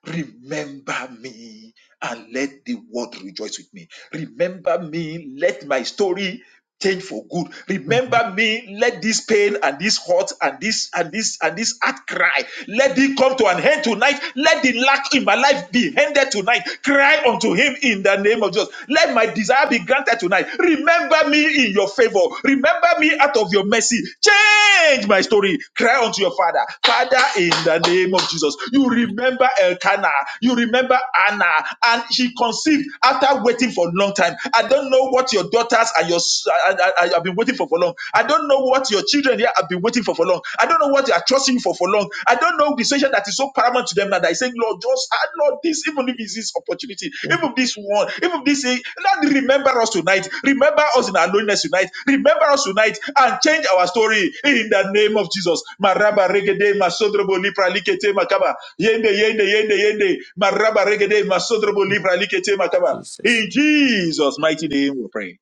A: remember me and let the world rejoice with me. Remember me, let my story change for good. Remember me, let this pain and this hurt and this and this and this heart cry, let it come to an end tonight. Let the lack in my life be ended tonight. Cry unto him in the name of Jesus. Let my desire be granted tonight. Remember me in your favor. Remember me out of your mercy. Change my story. Cry unto your father. Father, in the name of Jesus. You remember Elkanah. You remember Anna. And she conceived after waiting for a long time. I don't know what your daughters and your I I, I have been waiting for for long. I don't know what your children here have been waiting for for long. I don't know what they are trusting you for for long. I don't know the situation that is so paramount to them now that is saying, Lord, just add Lord this, even if it's this opportunity,
C: Amen.
A: even this one, even this. eh, Lord, remember us tonight. Remember us in our loneliness tonight. Remember us tonight and change our story in the name of Jesus. Maraba regede masodrobo lipra likete makaba. Yende yende yende yende. Maraba regede masodrobo lipra likete makaba.
C: Jesus.
A: In Jesus' mighty name we pray.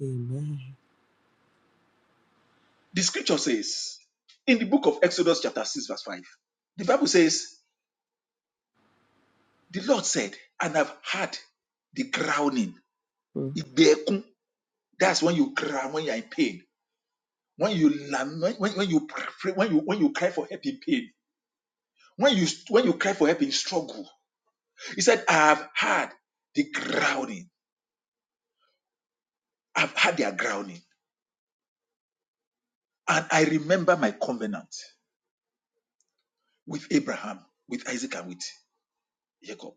C: Amen.
A: The scripture says in the book of Exodus, chapter 6, verse 5, the Bible says, The Lord said, and I've heard the groaning.
C: Mm.
A: Ìgbẹ́kún. That's when you cry when you're in pain. When you lam- when, when, when you pray, when you when you cry for help in pain, when you when you cry for help in struggle. He said, I've heard the groaning. I've heard their groaning. And I remember my covenant with Abraham, with Isaac, and with Jacob.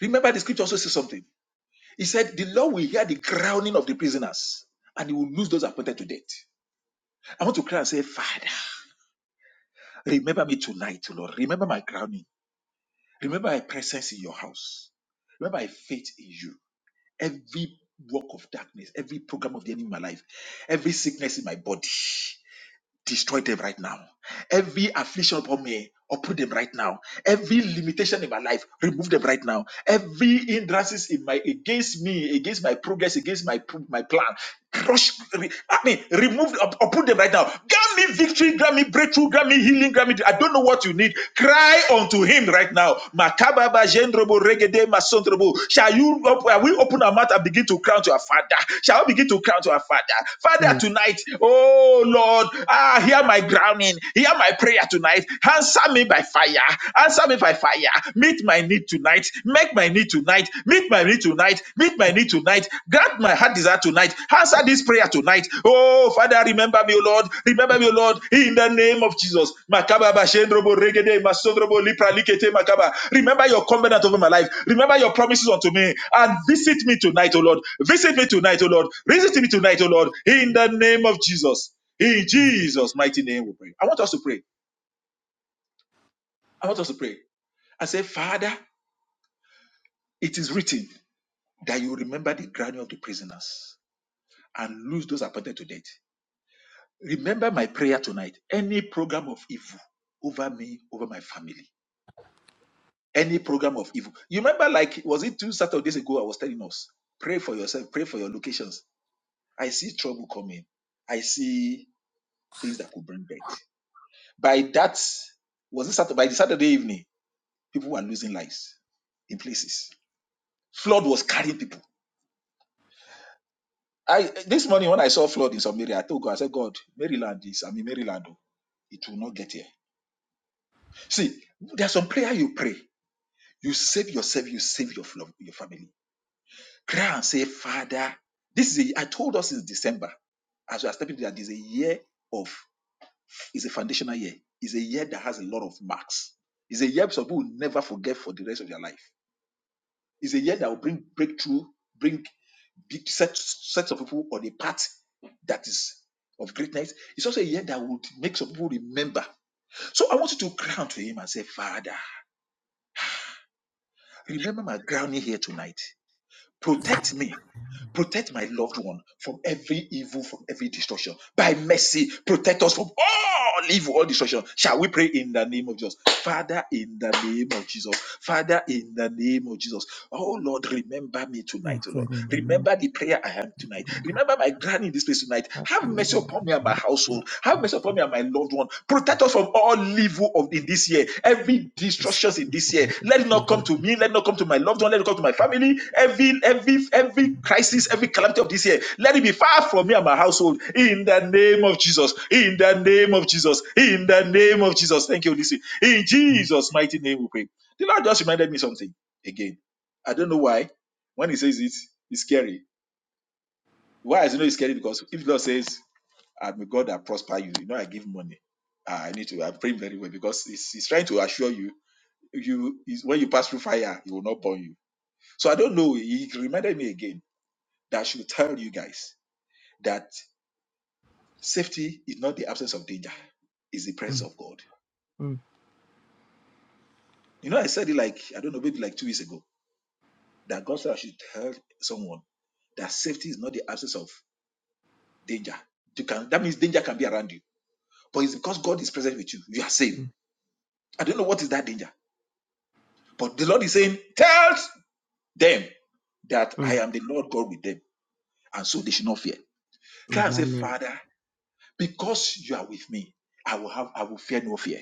A: Remember the scripture also says something. He said, The Lord will hear the crowning of the prisoners and he will lose those appointed to death. I want to cry and say, Father, remember me tonight, Lord. Remember my crowning. Remember my presence in your house. Remember my faith in you. Every work of darkness, every program of the enemy in my life, every sickness in my body, destroy them right now. Every affliction upon me, uproot them right now. Every limitation in my life, remove them right now. Every hindrances in my against me, against my progress, against my pro- my plan, crush. re- I mean, remove or, or put them right now. Grant me victory, grant me breakthrough, grant me healing, grant me. I don't know what you need. Cry unto Him right now. Makababa jendrobo regede masondrobo. Shall you? op- Shall we open our mouth and begin to crown to our Father? Shall we begin to crown to our Father? Father,
C: Mm.
A: tonight, oh Lord, ah, hear my groaning, hear my prayer tonight. Answer me by fire. Answer me by fire. Meet my need tonight. Make my need tonight. Meet my need tonight. Meet my need tonight. Grant my heart desire tonight. Answer this prayer tonight. Oh, Father, remember me, O Lord. Remember me, O Lord. In the name of Jesus. Makaba ba regede masondrobo lipra likete makaba. Remember your covenant over my life. Remember your promises unto me. And visit me tonight, O Lord. Visit me tonight, O Lord. Visit me tonight, O Lord. In the name of Jesus. In Jesus' mighty name we pray. I want us to pray. I want us to pray. I say, Father. It is written that you remember the groaning of the prisoners and lose those appointed to death. Remember my prayer tonight. Any program of evil over me, over my family, any program of evil. You remember, like, was it two Saturdays ago? I was telling us, pray for yourself, pray for your locations. I see trouble coming. I see things that could bring death. By that, was it Saturday? By the Saturday evening, people were losing lives in places. Flood was carrying people I this morning when I saw flood in some area, I told God, I said, God, Maryland is i mean, Maryland. oh. It will not get here. See, there's some prayer you pray. You save yourself, you save your, flo- your family. Cry and say, Father, this is a, I told us in December, as we are stepping into that, is a year of, is a foundational year. It's a year that has a lot of marks. It's a year some people will never forget for the rest of their life. It's a year that will bring breakthrough, bring big sets, sets of people on a path that is of greatness. It's also a year that would make some people remember. So I want you to cry out to him and say, Father, remember my grounding here tonight. Protect me Protect my loved one from every evil, from every destruction. By mercy, protect us from all evil, all destruction. Shall we pray in the name of Jesus? Father, in the name of Jesus. Father, in the name of Jesus. Oh Lord, remember me
C: Father, in
A: tonight, oh
C: the
A: Lord.
C: name
A: Remember the prayer I am
C: of
A: tonight.
C: Jesus,
A: Remember my granny in this place tonight.
C: Father,
A: Have mercy
C: remember
A: upon me and my household.
C: me.
A: Have mercy upon me and my loved one. Protect us from all evil of in this year. Every
C: It's
A: destructions in this year. Let it not come
C: even
A: to me. Let it not come to my loved one. Let it come to my family. Every every every crisis, every calamity of this year. Let it be far from me and my household. In the name of Jesus. In the name of Jesus. In the name of Jesus. Thank you, Holy Spirit. In Jesus' mighty name, we pray. The Lord just reminded me something again. I don't know why. When He says it, it's scary. Why is it know it's scary? Because if the Lord says and may God that prosper you. You know, I give money. Ah, I need to. I'm praying very well because he's, he's trying to assure you. You is when you pass through fire, he will not burn you. So I don't know. He reminded me again that I should tell you guys that safety is not the absence of danger; it's the presence of God. You know, I said it like I don't know, maybe like two weeks ago that God said I should tell someone that safety is not the absence of danger. You can that means danger can be around you, but it's because God is present with you. You are safe. I don't know what is that danger, but the Lord is saying, tell. them that I am the Lord God with them, and so they should not fear. Cry and say,
C: Emmanuel.
A: Father, because you are with me, I will have, I will fear no fear.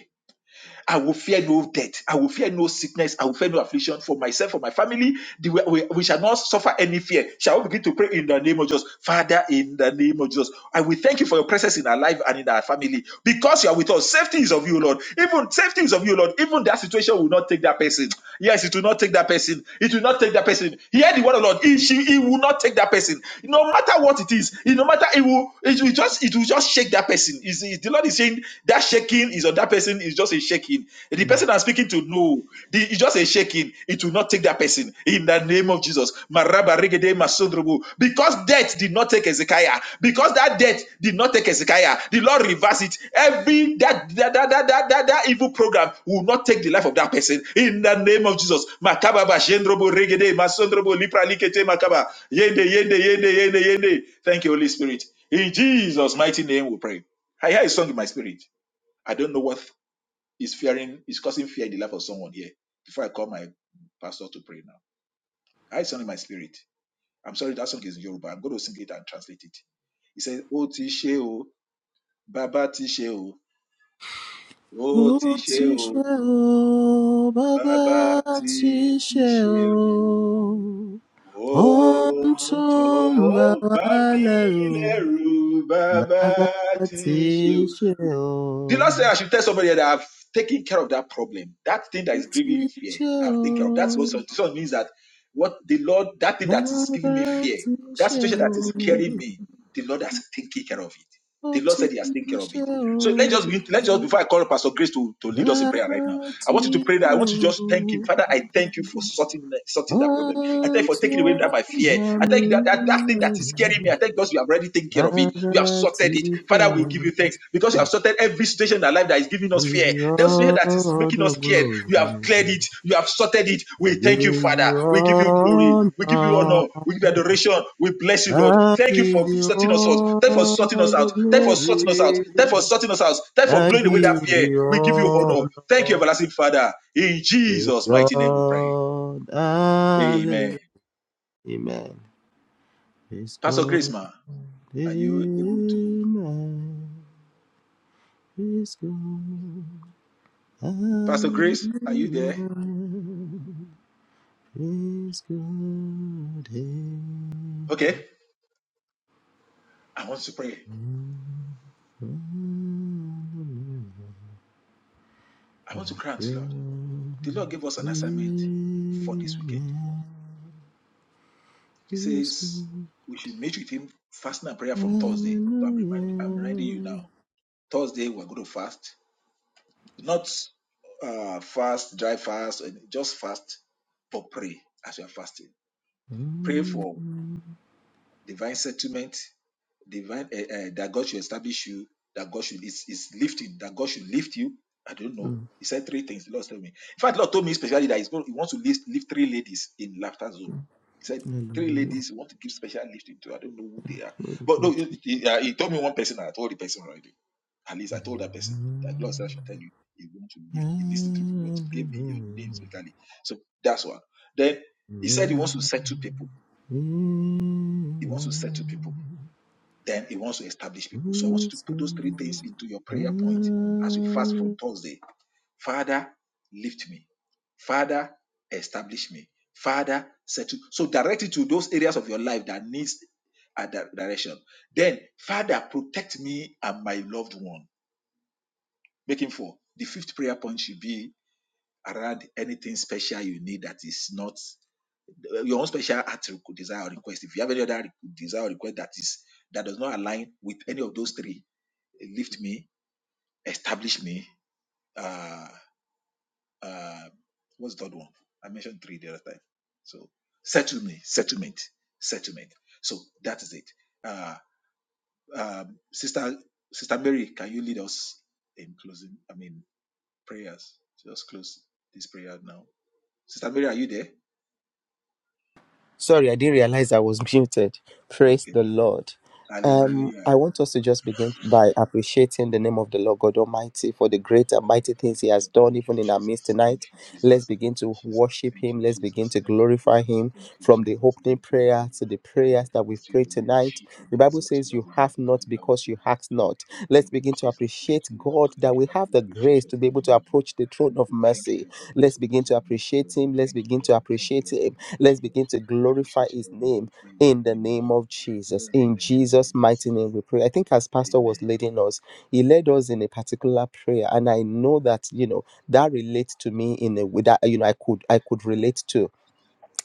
A: I will fear no death. I will fear no sickness. I will fear no affliction for myself, for my family. The- We, we shall not suffer any fear. Shall we begin to pray in the name of Jesus? Father, in the name of Jesus. And we thank you for your presence in our life and in our family because you are with us. Safety is of you, Lord. Even safety is of you, Lord. Even that situation will not take that person. Yes, it will not take that person. It will not take that person. Hear the word of the Lord. He, she, he will not take that person. No matter what it is, it- no matter it will, it will just, it will just shake that person. Is the Lord is saying that shaking is on that person is just a shaking. The person I'm speaking to, no. The, it's just a shaking. It will not take that person. In the name of Jesus. Maraba regede masodrobo. Because death did not take Ezekiah. Because that death did not take Ezekiah. The Lord reversed it. Every that that, that, that, that, that, that evil program will not take the life of that person. In the name of Jesus. Makaba ba shendrobo regede masodrobo lipra likete makaba. Yende, yende, yende, yende, yende. Thank you, Holy Spirit. In Jesus' mighty name we pray. I hear a song in my spirit. I don't know what is fearing, is causing fear in the life of someone here. Before I call my pastor to pray now, I had something in my spirit. I'm sorry, that song is in Yoruba. I'm going to sing it and translate it. He said, "O ti ṣe o, baba ti ṣe o, o
C: Ó
A: ti
C: ti
A: ṣe
C: ṣe
A: o,
C: o, bàbá
A: baba
C: ti
A: ti ti
C: ṣe
A: ṣe
C: o, ohun
A: o, o
C: tó ń bà
A: tó
C: wá
A: bá mi
C: lẹ́rù,
A: lẹ́rù, baba
C: bàbá
A: ti
C: ti
A: ṣe
C: ṣe o.
A: The Lord said, I should tell somebody that I've taken care of that problem. That thing that
C: Ó
A: is
C: ti
A: giving you fear,
C: ṣe
A: I've
C: o,
A: taken care of. That's what so so it means that what the Lord, that thing that is giving
C: bàbá
A: me fear,
C: ti
A: that
C: ṣe
A: situation
C: o,
A: that is scaring me, the Lord has taken care of it.
C: ó
A: The Lord
C: ti
A: said He has taken care of
C: ṣe
A: it. So let's just be, let's just
C: o.
A: before I call Pastor Grace to, to lead us in prayer right now. I want you to
C: Gratitude
A: pray that. I want you to just thank Him. Father, I thank you for sorting, sorting that problem. I thank you for taking away that
C: unto
A: my fear. I thank that, that that thing that is scaring me.
C: Mami.
A: I thank God you have already taken care of it. You have sorted it. Father, we give you
C: Gratitude.
A: thanks because you
C: I
A: have sorted every situation in our life that is giving us
C: give
A: fear.
C: you
A: Those fear that is
C: all
A: making
C: the
A: us scared. You have
C: glory.
A: cleared it it. You have sorted it.
C: I
A: We
C: give
A: thank you, Father.
C: you
A: We give you glory.
C: all
A: We give you honor. We give you
C: honor.
A: adoration. We bless you, Lord.
C: I
A: Thank you
C: give
A: for
C: you
A: sorting us out. Thank you for
C: all
A: sorting us out.
C: the
A: Thank you for sorting us out.
C: glory.
A: Thank you for sorting us out. Thank you for
C: I give
A: blowing away that fear.
C: you
A: We give you honor.
C: all
A: Thank you,
C: honor.
A: everlasting Father. In
C: Praise
A: Jesus' mighty name we pray.
C: God.
A: Amen.
C: Hallelujah. Amen. It's
A: Pastor Grace,
C: gone
A: ma, are you able to?
C: midnight. It's gone.
A: Pastor
C: Hallelujah.
A: Grace, are you there?
C: Praise God. Amen.
A: Okay. I want to pray. I want to
C: Praise
A: grant, Lord.
C: God.
A: The Lord gave us an assignment for this weekend.
C: Amen.
A: He
C: Praise
A: says
C: God.
A: we should meet with him fasting and prayer from Thursday. So I'm, remind, I'm reminding you now.
C: Hallelujah.
A: Thursday we're going to fast, not uh, fast, dry fast, and just fast, but pray as you are fasting. Pray
C: Mm,
A: for divine settlement. divine uh, uh, that God should establish you, that God should is, is lifting, that God should lift you. I don't know.
C: mm,
A: He said three things. The Lord told me. In fact, the Lord told me specially that he's going, he wants to lift, lift three ladies in laughter zone.
C: mm.
A: He said three
C: Hallelujah.
A: ladies he want to give special lifting to. I don't know who they are,
C: Glory to
A: but no,
C: God.
A: he, he, uh, he told me one person. and I told the person already. At least I told that person that God said I should tell you He wants to lift He listened to people to give me your name specifically. So that's one. Then he said he wants to settle people. He wants to settle people then he wants to establish people. So I want you to put those three things into your prayer point as you fast from
C: Hallelujah.
A: Thursday. Father, lift me. Father, establish me. Father, settle. So direct it to those areas of your life that needs a di- direction. Then, Father, protect me and my loved one. Make him four. The fifth prayer point should be around anything special you need that is not your own special heart requ- desire or request. If you have any other requ- desire or request that is that does not align with any of those three, lift me, establish me. Uh, uh, what's the third one? I mentioned three the other time. So settle me, settlement, settlement. So that is it. Uh, um, Sister Sister Mary, can you lead us in closing? I mean prayers. Just close this prayer now. Sister Mary, are you there?
C: Sorry, I didn't realize I was muted. Praise
A: Okay.
C: the Lord. Um,
A: Hallelujah.
C: I want us to just begin by appreciating the name of the Lord God Almighty for the great and
A: Father, we
C: mighty
A: give you
C: things He has
A: glory.
C: done,
A: Thank you,
C: even in our midst
A: Jesus. Thank
C: tonight.
A: you, Jesus.
C: Let's
A: Thank
C: begin
A: you,
C: to
A: Jesus.
C: worship
A: Thank
C: Him.
A: you,
C: Let's
A: Jesus.
C: begin to
A: Thank you,
C: glorify
A: Jesus.
C: Him
A: Thank you,
C: from the
A: Jesus.
C: opening
A: Thank you, Lord.
C: prayer to the
A: Daddy, we
C: prayers that
A: praise
C: we've
A: you.
C: prayed
A: We
C: tonight.
A: worship you.
C: The
A: We
C: Bible
A: exalt you.
C: says, You
A: We
C: have
A: magnify
C: not
A: you, Lord.
C: because you ask not. Let's
A: Thank you,
C: begin to
A: Jesus. Thank
C: appreciate
A: you, Lord.
C: God that
A: Thank you,
C: we
A: Lord.
C: have
A: We
C: the
A: appreciate
C: grace
A: your
C: to be
A: holy
C: able
A: name,
C: to
A: Lord.
C: approach the throne of
A: We thank you
C: mercy.
A: for the grace
C: Let's
A: of the
C: begin to
A: Holy Mercy, Lord.
C: appreciate
A: We
C: Him. Let's
A: thank you,
C: begin
A: Lord.
C: to
A: We thank you,
C: appreciate
A: Lord. We
C: Him
A: appreciate
C: Let's
A: you, Lord.
C: begin to
A: We
C: glorify
A: appreciate you,
C: his
A: Lord. We
C: name
A: glorify your
C: in
A: holy
C: the
A: name,
C: name
A: Lord.
C: of
A: We
C: Jesus.
A: are in
C: In
A: the name of
C: Jesus'
A: Jesus.
C: mighty name, we pray. I think as Pastor
A: Amen.
C: was leading us, he led us in a particular prayer. And I know that, you know, that relates to me in a way that, you know, I could I could relate to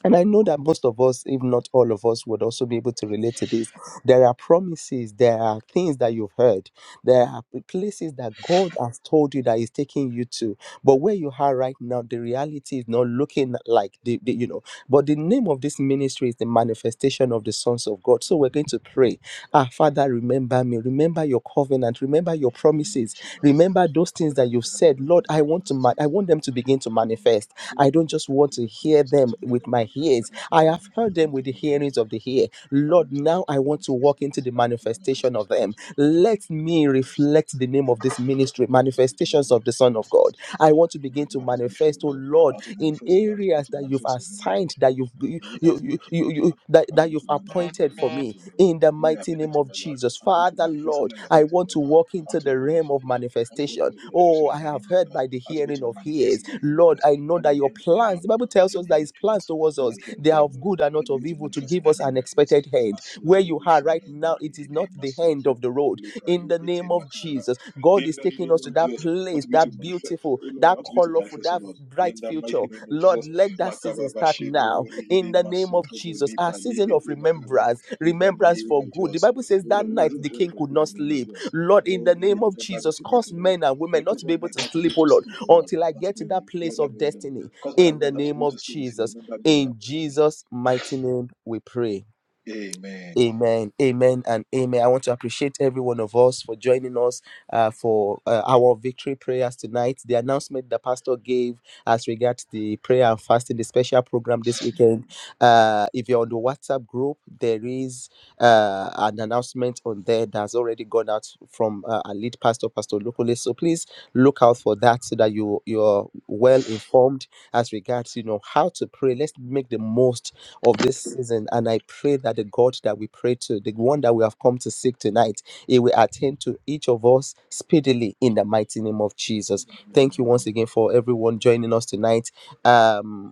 C: and I know that most of us, if not all of us, would also be able to relate to this. There are promises, there are things that you've heard, there are p- places that God has told you that He's taking you to. But where you are right now, the reality is not looking like the, the you know. But the name of this ministry is the manifestation of the sons of God. So we're going to pray. Ah, Father, remember me. Remember your covenant. Remember your
A: In the name of
C: promises.
A: Jesus,
C: Remember those things
A: Father,
C: that
A: in
C: you've
A: the
C: said.
A: name of
C: Lord,
A: God,
C: I
A: I
C: want to.
A: promise to
C: Ma- I
A: Lord.
C: want them to begin to
A: Um,
C: manifest.
A: I don't
C: I
A: even
C: don't
A: know if
C: just
A: there
C: want
A: is
C: to
A: no
C: hear
A: promises
C: them
A: unto me,
C: with
A: Lord.
C: my
A: I
C: ears.
A: don't feel
C: I
A: that
C: have
A: we
C: heard
A: are
C: them
A: not
C: with the
A: even glad
C: hearings
A: with
C: of the
A: us.
C: ear.
A: I
C: Lord,
A: want you
C: now
A: to
C: I want to
A: manifest,
C: walk
A: Lord.
C: into the
A: I want you to manifest,
C: manifestation of
A: I want
C: them.
A: you to work with you, bring
C: Let
A: my
C: me
A: living with us.
C: reflect the name
A: Let
C: of
A: me
C: this
A: show you what you
C: ministry,
A: do, just let
C: manifestations
A: you
C: of
A: what
C: the
A: you
C: Son
A: do,
C: of
A: since
C: God.
A: you go.
C: I want to
A: Keep
C: begin
A: bringing
C: to
A: out this
C: manifest,
A: mission,
C: oh
A: Lord. I
C: Lord,
A: want to
C: in
A: manifest, Lord. I want you
C: areas
A: to
C: that you've
A: manifest your name, Lord.
C: assigned, that you've you,
A: In the ways I
C: you,
A: say
C: you,
A: to
C: you,
A: me,
C: you-
A: Lord.
C: that,
A: I want
C: that
A: you
C: you've
A: to manifest
C: appointed
A: your
C: for
A: name,
C: me.
A: Lord.
C: In the
A: You are
C: mighty
A: better
C: name
A: to
C: of
A: Lord.
C: Jesus,
A: I want you to
C: Father,
A: manifest,
C: Lord,
A: you are
C: I
A: better
C: want to
A: Lord
C: walk into
A: unto
C: the
A: God
C: realm of
A: merciful Lord, unto God
C: manifestation. Oh,
A: merciful
C: I
A: in
C: have
A: the
C: heard by the
A: name of Jesus, unto God
C: hearing
A: to
C: of ears.
A: manifest in the name of
C: Lord,
A: Jesus.
C: I know
A: I'm going
C: that
A: to
C: your
A: help you,
C: plans,
A: Lord,
C: the Bible
A: in
C: tells
A: the
C: us
A: name
C: that
A: of
C: his
A: Jesus.
C: plans towards
A: I'm
C: us,
A: going to help
C: they
A: you,
C: are of
A: Lord.
C: good and not
A: Help you
C: of
A: to
C: evil to
A: manifest in
C: give
A: the
C: us
A: name
C: an
A: of Jesus.
C: expected hand. Where
A: Masopro
C: you are right
A: Bushindo
C: now, it is
A: Bagrigide
C: not the end
A: Masopro
C: of the road.
A: Lepra
C: In the
A: Likete
C: name of
A: Makala.
C: Jesus, God
A: In
C: is
A: the
C: taking
A: name
C: us to
A: of
C: that
A: Jesus,
C: place,
A: unto me to
C: that
A: manifest,
C: beautiful,
A: oh Lord,
C: that
A: unto me to
C: colorful,
A: manifest, oh
C: that
A: Lord, in
C: bright
A: the
C: future.
A: mighty name of
C: Lord,
A: Jesus.
C: let that season
A: Makaba
C: start
A: Bashindo
C: now. In
A: Borigide
C: the name of
A: Masopro
C: Jesus, our
A: Lipa
C: season of
A: Likete Makaba.
C: remembrance,
A: In the
C: remembrance
A: name
C: for
A: of
C: good. The
A: Jesus.
C: Bible says
A: Oh, Lord,
C: that
A: I
C: night
A: don't
C: the
A: know
C: king
A: for
C: could
A: good in
C: not
A: the name of
C: sleep.
A: Jesus.
C: Lord, in
A: Oh,
C: the
A: let me
C: name of
A: remember me
C: Jesus,
A: tonight, O
C: cause
A: Lord.
C: men and women not to be
A: Remember
C: able
A: my
C: to
A: dad to be
C: sleep,
A: able
C: oh
A: to
C: Lord
A: sleep, O Lord,
C: until I get
A: until
C: to
A: they
C: that place
A: remember
C: of
A: me, O Lord.
C: destiny
A: Cause when I
C: in the
A: will not to be
C: name
A: able
C: of
A: to sleep until they
C: Jesus.
A: remember me, O
C: In
A: Lord.
C: Jesus' mighty name, we pray.
A: Amen.
C: Amen, amen, and amen. I want to appreciate every one of us for joining us uh, for uh, our victory prayers tonight. The announcement the pastor gave as regards the prayer and fasting, the special program this weekend. Uh, if you're on the WhatsApp group, there is uh, an announcement on there that's already gone out from uh, our lead pastor, Pastor Locally. So please look out for that so that you you're well informed as regards you know how to pray. Let's make the most of this season. And I pray that the God that we pray to, the one that we have come to seek tonight, it will attend to each of us speedily in the mighty name of Jesus. Thank you once again for everyone joining us tonight. Um,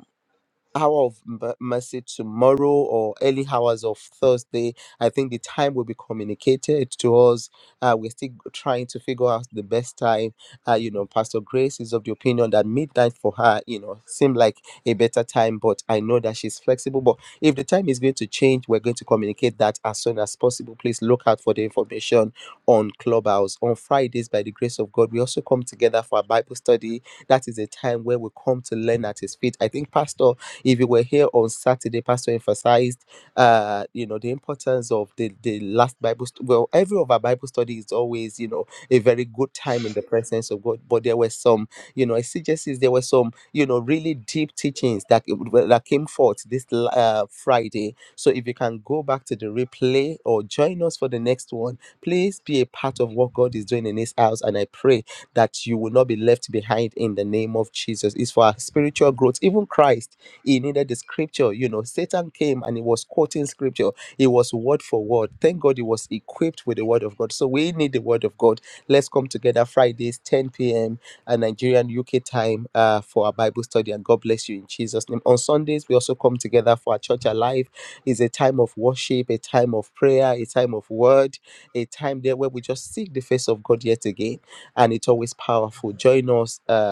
C: hour of m- mercy tomorrow or early hours of Thursday. I think the time will be communicated to us. Uh, we're still trying to figure out the best time. Uh, you know, Pastor Grace is of the opinion that midnight for her, you know, seemed like a better time, but I know that she's flexible. But if the time is going to change, we're going to communicate that as soon as possible. Please look out for the information on Clubhouse. On Fridays, by the grace of God, we also come together for a Bible study. That is a time where we come to learn at His feet. I think Pastor if you were here on Saturday, Pastor emphasized, uh, you know, the importance of the the last Bible. St- well, every of our Bible study is always, you know, a very good time in the presence of God. But there were some, you know, exegesis. There were some, you know, really deep teachings that well, that came forth this l- uh, Friday. So if you can go back to the replay or join us for the next one, please be a part of what God is doing in His house, and I pray that you will not be left behind in the name of Jesus. It's for our spiritual growth. Even Christ. He needed the scripture. You know, Satan came and he was quoting scripture. It was word for word. Thank God he was equipped with the word of God. So we need the word of God. Let's come together Fridays, 10 p.m. uh, Nigerian UK time uh, for our Bible study. And God bless you in Jesus' name. On Sundays, we also come together for our church alive. It's a time of worship, a time of prayer, a time of word, a time there where we just seek the face of God yet again. And it's always powerful. Join us. um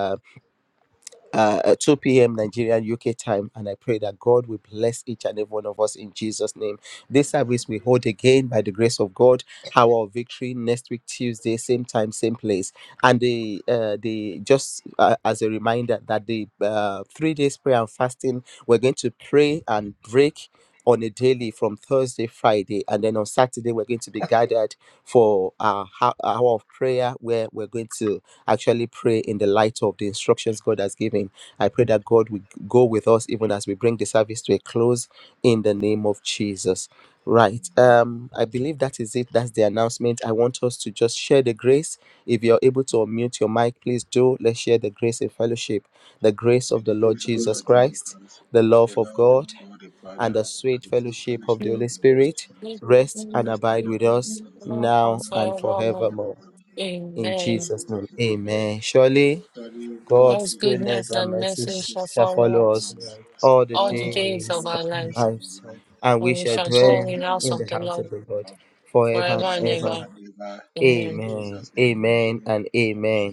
C: uh, at 2 p.m. Nigerian UK time. And I pray that God will bless each and every one of us in Jesus' name. This service we hold again by the grace of God, Hour of Victory, next week, Tuesday, same time, same place. And the, uh, the just uh, as a reminder that the uh, three days prayer and fasting, we're going to pray and break. On a daily from Thursday, Friday, and then on Saturday, we're going to be gathered for our hou- hour of prayer where we're going to actually pray in the light of the instructions God has given. I pray that God will go with us even as we bring the service to a close in the name of Jesus. Right. Um, I believe that is it. That's the announcement. I want us to just share the grace. If you're able to unmute your mic, please do. Let's share the grace in fellowship. The grace
A: May
C: of the
A: the
C: Lord
A: grace of our
C: Jesus
A: Lord Jesus
C: Christ,
A: Christ,
C: the love
A: the
C: of
A: love of
C: God,
A: God the
C: and
A: Father,
C: the
A: and
C: sweet
A: the full
C: fellowship of
A: fellowship
C: the
A: of
C: Holy
A: the Holy
C: Spirit
A: Spirit
C: rest and
A: rest and
C: abide with
A: abide
C: us
A: with us
B: Now and
C: now
A: now
C: and
A: and
B: forevermore.
C: forevermore.
A: forevermore.
C: In
A: In
B: Amen.
C: Jesus'
A: Jesus'
C: name,
A: name, amen.
C: amen. Surely
A: Study God's
C: God's
B: God's
C: goodness
A: goodness,
B: goodness
C: and
B: and
C: mercy
A: and
B: mercy
C: sh-
B: shall
A: mercy
C: shall
A: shall
B: follow
C: follow
B: us
C: us
A: follow us
C: all the
B: all the
A: all
B: days
A: the
B: of
C: days of
B: our
A: days
B: lives,
C: our
A: of
C: lives,
A: our life
C: and
B: and
C: we
B: we
C: shall
A: I
B: shall
A: give
C: dwell
B: dwell in
A: that
B: the
A: dwell
B: house
C: in
A: in
B: of
C: the
A: the
B: the
C: house
B: Lord
C: of
A: presence of
C: the
A: the
C: Lord
A: Lord
C: forever
A: for
B: forever
C: and
B: and
A: forever and
B: ever.
C: ever.
A: ever in
B: Amen.
C: Amen,
A: Jesus' name. Amen.
C: amen, and amen.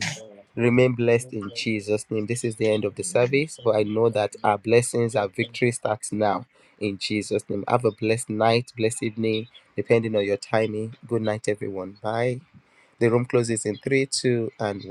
C: Remain blessed in Jesus' name. This is the end of the
A: Amen.
C: service, but I know that our blessings, our victory starts now in Jesus' name. Have a blessed night, blessed evening, depending on your timing. Good night, everyone. Bye. The room closes in three, two, and